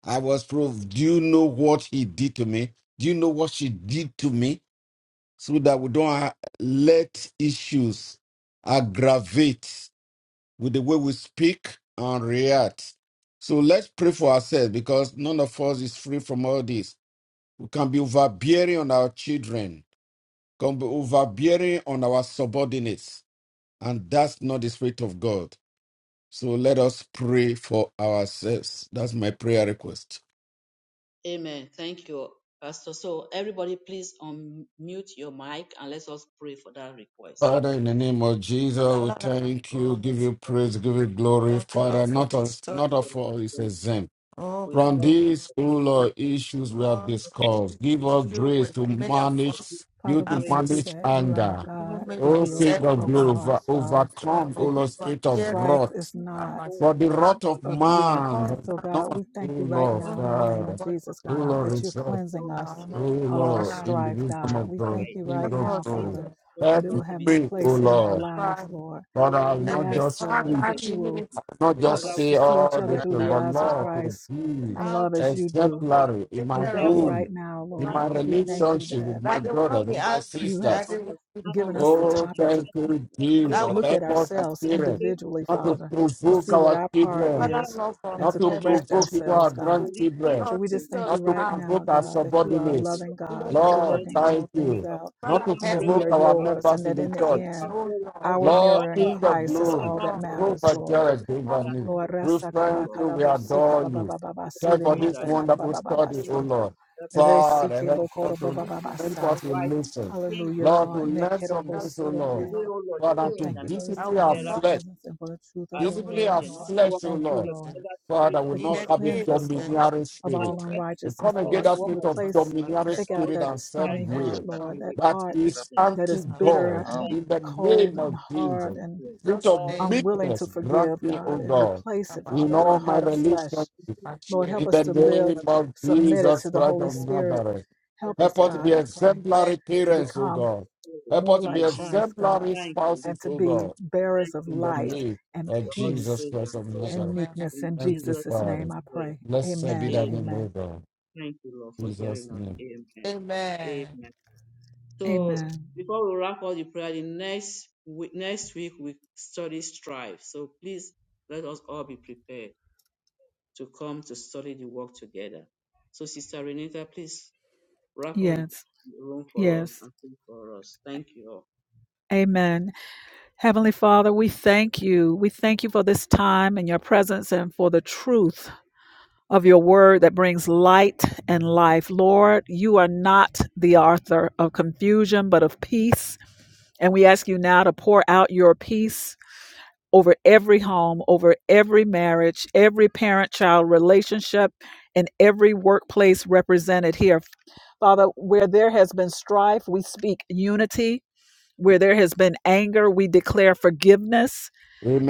Speaker 2: I was provoked. Do you know what he did to me? Do you know what she did to me? so that we don't ha- let issues aggravate with the way we speak and react. So let's pray for ourselves because none of us is free from all this. We can be overbearing on our children, can be overbearing on our subordinates, and that's not the spirit of God. So let us pray for ourselves. That's my prayer request.
Speaker 1: Amen. Thank you, Pastor. So, everybody, please unmute your mic and let us pray for that request.
Speaker 2: Father, in the name of Jesus, we thank you, give you praise, give you glory, Father. Not us, not of all is exempt.
Speaker 1: We
Speaker 2: From
Speaker 1: thank
Speaker 2: these, O
Speaker 1: you for the
Speaker 2: Lord, issues we have discussed, give us
Speaker 1: we thank
Speaker 2: grace
Speaker 1: you
Speaker 2: to
Speaker 1: for
Speaker 2: manage
Speaker 1: this
Speaker 2: you
Speaker 4: Father, we
Speaker 2: to
Speaker 1: grace,
Speaker 4: thank you
Speaker 2: manage
Speaker 4: that you are
Speaker 2: anger.
Speaker 4: a
Speaker 1: We
Speaker 4: God
Speaker 1: thank you
Speaker 4: who
Speaker 1: for
Speaker 2: O
Speaker 1: our
Speaker 4: heals
Speaker 2: King
Speaker 1: life
Speaker 2: of
Speaker 1: and
Speaker 4: broken
Speaker 2: glory, over-
Speaker 4: hearts, Father,
Speaker 2: overcome, O
Speaker 4: that y-
Speaker 2: Lord,
Speaker 1: for
Speaker 2: spirit of
Speaker 1: the
Speaker 4: strife is
Speaker 2: wrath.
Speaker 4: not
Speaker 1: gospel,
Speaker 2: For the
Speaker 1: and
Speaker 2: wrath of
Speaker 1: people
Speaker 4: of
Speaker 1: who get
Speaker 4: you.
Speaker 2: man
Speaker 4: And
Speaker 2: has
Speaker 4: so,
Speaker 2: not,
Speaker 4: God, we
Speaker 2: O
Speaker 4: thank you
Speaker 1: all
Speaker 4: right
Speaker 2: Lord,
Speaker 1: Lord,
Speaker 4: now in the
Speaker 1: we
Speaker 4: name of
Speaker 1: give you
Speaker 2: Father,
Speaker 1: our
Speaker 4: Jesus,
Speaker 2: O
Speaker 1: heart
Speaker 4: God,
Speaker 2: Lord,
Speaker 1: before
Speaker 4: that
Speaker 1: you.
Speaker 4: you're
Speaker 2: result.
Speaker 4: cleansing
Speaker 1: So, Lord
Speaker 2: Oh
Speaker 4: us
Speaker 1: Jesus, we
Speaker 4: of
Speaker 1: take
Speaker 4: all
Speaker 1: you
Speaker 2: Lord, in
Speaker 1: for
Speaker 2: the
Speaker 4: strife,
Speaker 1: this
Speaker 2: wisdom
Speaker 4: God.
Speaker 2: of
Speaker 4: We
Speaker 2: God,
Speaker 4: thank
Speaker 1: right.
Speaker 4: you
Speaker 2: King
Speaker 4: right
Speaker 2: of
Speaker 4: now,
Speaker 1: Things
Speaker 4: Father,
Speaker 1: are
Speaker 2: glory.
Speaker 4: that
Speaker 1: causing
Speaker 4: it will
Speaker 1: us to
Speaker 4: have
Speaker 1: be
Speaker 4: no
Speaker 2: Speak, O
Speaker 4: place in
Speaker 1: slow
Speaker 4: our
Speaker 2: Lord.
Speaker 1: and
Speaker 4: lives, Lord.
Speaker 2: Lord, I will
Speaker 1: worried
Speaker 4: We
Speaker 2: not
Speaker 4: ask,
Speaker 2: just
Speaker 4: Lord, that
Speaker 1: That's
Speaker 2: preach,
Speaker 4: you will
Speaker 1: easy.
Speaker 2: not
Speaker 4: help
Speaker 2: just
Speaker 1: Father,
Speaker 4: us
Speaker 2: say
Speaker 4: to see
Speaker 1: we
Speaker 4: each
Speaker 1: will
Speaker 2: all
Speaker 4: other
Speaker 2: this,
Speaker 4: through the
Speaker 1: take
Speaker 2: but
Speaker 4: eyes of
Speaker 2: Lord,
Speaker 1: all of it
Speaker 2: to
Speaker 4: Christ
Speaker 1: from
Speaker 2: be
Speaker 4: and
Speaker 1: us.
Speaker 4: love as you do.
Speaker 1: Father, we
Speaker 2: exemplary in
Speaker 4: We
Speaker 2: my
Speaker 4: thank
Speaker 1: help
Speaker 4: you
Speaker 1: us
Speaker 4: right
Speaker 2: home,
Speaker 1: to
Speaker 4: now,
Speaker 2: in
Speaker 1: continue
Speaker 4: Lord,
Speaker 2: my
Speaker 1: to
Speaker 4: that we
Speaker 1: grow
Speaker 4: thank
Speaker 1: in
Speaker 4: you
Speaker 2: relationship
Speaker 1: faith
Speaker 4: that.
Speaker 2: with
Speaker 1: and
Speaker 2: my
Speaker 1: take
Speaker 2: that they brother,
Speaker 1: to
Speaker 2: with my
Speaker 1: the
Speaker 4: You have
Speaker 2: sisters.
Speaker 4: given
Speaker 1: understanding,
Speaker 4: us
Speaker 1: O
Speaker 4: the
Speaker 1: Lord,
Speaker 2: Oh,
Speaker 1: and
Speaker 4: topic to
Speaker 2: thank you,
Speaker 1: continue to
Speaker 2: Jesus. will
Speaker 1: grow
Speaker 2: not
Speaker 1: in
Speaker 4: look at
Speaker 2: Help us as
Speaker 4: ourselves
Speaker 1: in the faith of
Speaker 4: individually,
Speaker 1: the
Speaker 2: not
Speaker 1: Lord
Speaker 2: to
Speaker 4: Father,
Speaker 1: Jesus
Speaker 4: to
Speaker 1: Christ.
Speaker 2: provoke
Speaker 4: see what
Speaker 1: And
Speaker 2: our
Speaker 4: our part
Speaker 2: children,
Speaker 1: together
Speaker 4: is
Speaker 1: we
Speaker 4: and
Speaker 1: continue
Speaker 2: not
Speaker 4: to
Speaker 2: to
Speaker 1: to live,
Speaker 4: correct
Speaker 2: provoke
Speaker 1: to
Speaker 2: even our
Speaker 4: ourselves, God.
Speaker 1: live
Speaker 2: grandchildren,
Speaker 4: So we
Speaker 1: peacefully
Speaker 4: just
Speaker 1: with
Speaker 4: thank
Speaker 1: you.
Speaker 4: you
Speaker 2: not to
Speaker 4: right
Speaker 2: provoke
Speaker 4: now,
Speaker 2: our
Speaker 1: So,
Speaker 4: God, that
Speaker 1: Father, we
Speaker 4: you are a
Speaker 1: thank you,
Speaker 2: subordinates.
Speaker 4: loving
Speaker 1: Lord.
Speaker 4: God,
Speaker 1: We give
Speaker 4: that
Speaker 1: you
Speaker 4: you're
Speaker 1: all
Speaker 2: Lord,
Speaker 1: the
Speaker 4: working all
Speaker 2: thank
Speaker 4: things
Speaker 2: you
Speaker 1: praise of
Speaker 4: out,
Speaker 2: not to
Speaker 1: Jesus, we
Speaker 4: and that
Speaker 1: pray
Speaker 4: we
Speaker 1: for
Speaker 4: are
Speaker 2: provoke
Speaker 1: our
Speaker 2: our
Speaker 4: yours, and
Speaker 2: members in
Speaker 4: that
Speaker 2: the
Speaker 4: in the
Speaker 1: faith,
Speaker 2: church.
Speaker 1: our
Speaker 4: end,
Speaker 1: soul, our
Speaker 4: our
Speaker 1: praise for
Speaker 2: Lord,
Speaker 1: all the
Speaker 4: mirroring
Speaker 2: King of
Speaker 4: Christ is
Speaker 1: people
Speaker 2: glory,
Speaker 4: all that
Speaker 1: around us,
Speaker 4: matters,
Speaker 2: Jehovah
Speaker 1: Lord.
Speaker 4: Lord.
Speaker 2: Jireh,
Speaker 1: We
Speaker 2: Jehovah
Speaker 1: ask
Speaker 2: Nissi,
Speaker 1: you to
Speaker 4: Lord,
Speaker 1: help
Speaker 2: we
Speaker 4: rasa
Speaker 1: us, O
Speaker 4: kaba
Speaker 2: thank
Speaker 1: Lord.
Speaker 2: you, we
Speaker 4: karabo
Speaker 1: Thank
Speaker 4: si
Speaker 1: you, Lord.
Speaker 2: adore
Speaker 4: kaba ba
Speaker 2: you.
Speaker 4: ba ba ba si
Speaker 1: We
Speaker 2: Thank
Speaker 4: le
Speaker 2: for
Speaker 1: pray
Speaker 2: this
Speaker 1: that
Speaker 4: minata
Speaker 1: you for
Speaker 4: ba
Speaker 2: wonderful
Speaker 4: ba ba
Speaker 2: study,
Speaker 1: listening
Speaker 2: O
Speaker 1: to
Speaker 4: si.
Speaker 2: Lord.
Speaker 1: God's effort.
Speaker 4: Resi
Speaker 2: Father,
Speaker 4: ke
Speaker 1: We
Speaker 4: bo
Speaker 2: help
Speaker 1: pray
Speaker 2: us
Speaker 4: ba
Speaker 2: to,
Speaker 4: ba ba
Speaker 1: anything
Speaker 4: ba
Speaker 1: that is
Speaker 2: help
Speaker 4: sa.
Speaker 1: not
Speaker 2: us to
Speaker 1: writing, in
Speaker 2: listen.
Speaker 1: change it
Speaker 4: Hallelujah,
Speaker 1: to
Speaker 2: Lord, to
Speaker 1: not.
Speaker 4: Lord. Ne
Speaker 2: learn
Speaker 4: kero
Speaker 2: from
Speaker 1: Let us
Speaker 2: this, O Lord.
Speaker 1: today, O Lord,
Speaker 4: we
Speaker 2: Father, to
Speaker 1: pray
Speaker 4: thank
Speaker 1: and
Speaker 4: you
Speaker 1: be
Speaker 4: for this
Speaker 1: put
Speaker 2: discipline
Speaker 4: time
Speaker 2: our
Speaker 4: in your
Speaker 1: together
Speaker 2: flesh
Speaker 4: presence and for the truth of
Speaker 1: as
Speaker 4: your
Speaker 2: Display
Speaker 4: word,
Speaker 2: our
Speaker 1: Christian, not
Speaker 4: Lord. We
Speaker 2: flesh,
Speaker 1: walk
Speaker 2: O
Speaker 4: thank
Speaker 1: with
Speaker 4: you,
Speaker 2: Lord.
Speaker 1: the
Speaker 4: Lord,
Speaker 2: Father,
Speaker 1: spirit
Speaker 2: will
Speaker 1: of
Speaker 4: that
Speaker 2: not
Speaker 4: you
Speaker 1: God.
Speaker 2: have a name
Speaker 4: cleanse
Speaker 1: But
Speaker 4: us, Lord,
Speaker 2: domineering
Speaker 4: of all
Speaker 2: spirit. Christ,
Speaker 1: manifest in
Speaker 2: We
Speaker 1: us, and
Speaker 4: unrighteousness,
Speaker 2: come
Speaker 1: all
Speaker 2: against
Speaker 4: Lord.
Speaker 2: I that
Speaker 1: work
Speaker 2: spirit
Speaker 1: of the
Speaker 2: of from
Speaker 4: Replace,
Speaker 1: church that is
Speaker 2: domineering
Speaker 4: take out
Speaker 1: all
Speaker 2: spirit
Speaker 4: that
Speaker 2: and self
Speaker 4: stony
Speaker 1: carried out
Speaker 3: so
Speaker 4: heart,
Speaker 2: will
Speaker 1: in the
Speaker 4: Lord, that
Speaker 1: way in
Speaker 2: that
Speaker 4: heart
Speaker 1: Jesus'
Speaker 2: is
Speaker 1: name.
Speaker 4: that
Speaker 2: anti
Speaker 4: is
Speaker 1: Father, we
Speaker 4: bitter
Speaker 2: God
Speaker 4: and
Speaker 1: thank
Speaker 2: in the
Speaker 1: you, Lord,
Speaker 4: cold
Speaker 2: name
Speaker 1: and
Speaker 4: and
Speaker 2: of
Speaker 1: give you all
Speaker 4: hard
Speaker 2: Jesus.
Speaker 1: the
Speaker 4: and
Speaker 1: praise,
Speaker 2: Spirit of
Speaker 1: all
Speaker 2: name,
Speaker 1: the
Speaker 4: unwilling
Speaker 1: glory,
Speaker 4: to
Speaker 2: meekness,
Speaker 4: forgive,
Speaker 2: grant me, O
Speaker 4: God,
Speaker 1: all
Speaker 4: and
Speaker 1: the
Speaker 2: God,
Speaker 4: replace it,
Speaker 1: goodness,
Speaker 2: in
Speaker 4: Father, with
Speaker 1: none
Speaker 4: a
Speaker 2: all
Speaker 1: of us.
Speaker 2: my
Speaker 4: heart of
Speaker 2: relations
Speaker 4: flesh. Lord, help
Speaker 2: in
Speaker 4: us
Speaker 2: the
Speaker 4: to live
Speaker 2: name
Speaker 1: Father,
Speaker 2: of
Speaker 1: we
Speaker 4: submitted to
Speaker 2: Jesus
Speaker 4: the
Speaker 2: Christ
Speaker 4: Holy
Speaker 2: of
Speaker 4: Spirit.
Speaker 2: Nazareth.
Speaker 4: Help
Speaker 1: thank
Speaker 4: us,
Speaker 2: Help
Speaker 1: you,
Speaker 2: us to
Speaker 1: Lord.
Speaker 2: be
Speaker 4: God, I pray,
Speaker 2: exemplary
Speaker 1: Hope
Speaker 4: to
Speaker 1: of
Speaker 2: parents, O
Speaker 4: become
Speaker 2: God. Help
Speaker 4: more
Speaker 2: us to be
Speaker 1: In
Speaker 4: like
Speaker 1: Jesus,
Speaker 4: Christ,
Speaker 1: name.
Speaker 4: God,
Speaker 2: exemplary
Speaker 1: thank you,
Speaker 4: and
Speaker 2: spouses,
Speaker 4: to
Speaker 2: O God
Speaker 4: be bearers
Speaker 1: thank
Speaker 4: of
Speaker 1: you,
Speaker 2: in the
Speaker 1: Father.
Speaker 4: light
Speaker 2: name
Speaker 4: and
Speaker 2: of
Speaker 1: We all the
Speaker 2: Jesus
Speaker 4: peace
Speaker 1: praise and
Speaker 2: Christ of
Speaker 1: glory.
Speaker 4: and
Speaker 2: Nazareth. Amen.
Speaker 4: meekness.
Speaker 1: In
Speaker 4: In
Speaker 2: Thank you,
Speaker 1: Jesus'
Speaker 4: Jesus'
Speaker 1: name
Speaker 2: Father.
Speaker 4: name I
Speaker 1: we pray.
Speaker 4: pray.
Speaker 2: Blessed be
Speaker 4: Amen.
Speaker 2: thy name,
Speaker 1: Amen.
Speaker 2: O
Speaker 4: Amen.
Speaker 2: God.
Speaker 1: Thank you, Lord,
Speaker 2: In
Speaker 1: for
Speaker 2: Jesus'
Speaker 1: hearing us.
Speaker 2: name.
Speaker 1: Amen.
Speaker 2: Amen.
Speaker 1: Amen. So
Speaker 4: Amen.
Speaker 1: before we wrap up the prayer, the next week, next week we study strife. So please let us all be prepared to come to study the work together. So Sister Renita, please wrap up the
Speaker 4: Yes.
Speaker 1: room for us
Speaker 4: Yes.
Speaker 1: and pray for us. Thank you
Speaker 4: Amen. Heavenly Father, we thank you. We thank you for this time and your presence and for the truth of your word that brings light and life. Lord, you are not the author of confusion, but of peace. And we ask you now to pour out your peace over every home, over every marriage, every parent child relationship, and every workplace represented here. Father, where there has been strife, we speak unity. Where there has been anger, we declare forgiveness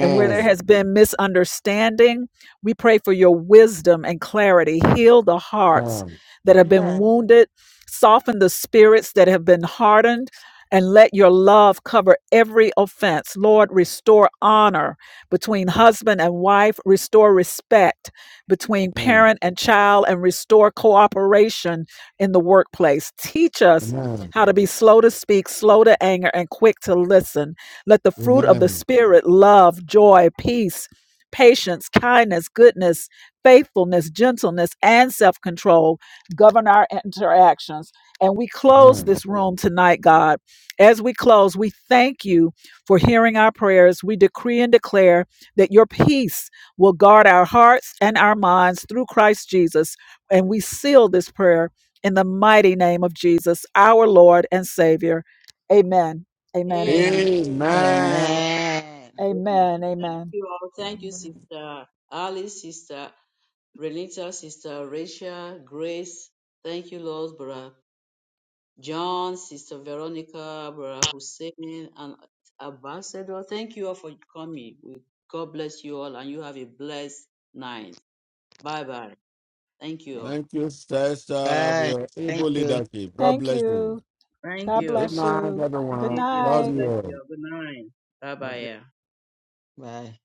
Speaker 4: and where there
Speaker 2: Yes.
Speaker 4: has been misunderstanding, we pray for your wisdom and clarity. Heal the hearts
Speaker 2: Amen.
Speaker 4: that have been
Speaker 2: Amen.
Speaker 4: wounded, soften the spirits that have been hardened, and let your love cover every offense. Lord, restore honor between husband and wife, restore respect between
Speaker 2: Amen.
Speaker 4: parent and child, and restore cooperation in the workplace. Teach us
Speaker 2: Amen.
Speaker 4: how to be slow to speak, slow to anger, and quick to listen let the fruit of the
Speaker 2: Amen.
Speaker 4: Spirit, love, joy, peace, patience, kindness, goodness, faithfulness, gentleness, and self control govern our interactions. And we close
Speaker 2: Amen.
Speaker 4: this room tonight, God. As we close, we thank you for hearing our prayers. We decree and declare that your peace will guard our hearts and our minds through Christ Jesus. And we seal this prayer in the mighty name of Jesus, our Lord and Savior. Amen. Amen.
Speaker 1: all.
Speaker 4: Amen.
Speaker 2: Amen.
Speaker 3: Amen.
Speaker 4: Amen.
Speaker 1: Amen. Thank
Speaker 4: Amen.
Speaker 1: you all. Thank you, Sister Ali, Sister Renita, Sister Rachel, Grace. Thank you, Lord, Brother John, Sister Veronica, Brother Hussein, and Ambassador. Thank you all for coming. We- God bless you all, and you have a blessed night. Bye bye. Thank you. all.
Speaker 2: Thank you, sister, for
Speaker 3: Bye.
Speaker 2: your
Speaker 3: Thank
Speaker 2: able
Speaker 3: you.
Speaker 2: leadership. God
Speaker 4: Thank
Speaker 2: bless you.
Speaker 4: you.
Speaker 1: Thank
Speaker 4: God
Speaker 2: Good
Speaker 1: you.
Speaker 4: bless
Speaker 2: night,
Speaker 4: you. Good
Speaker 2: everyone.
Speaker 1: Appreciate you.
Speaker 4: night.
Speaker 2: Love
Speaker 1: God
Speaker 2: you.
Speaker 1: bless
Speaker 2: all.
Speaker 1: you. Good night. Bye bye. Yeah.
Speaker 3: Bye.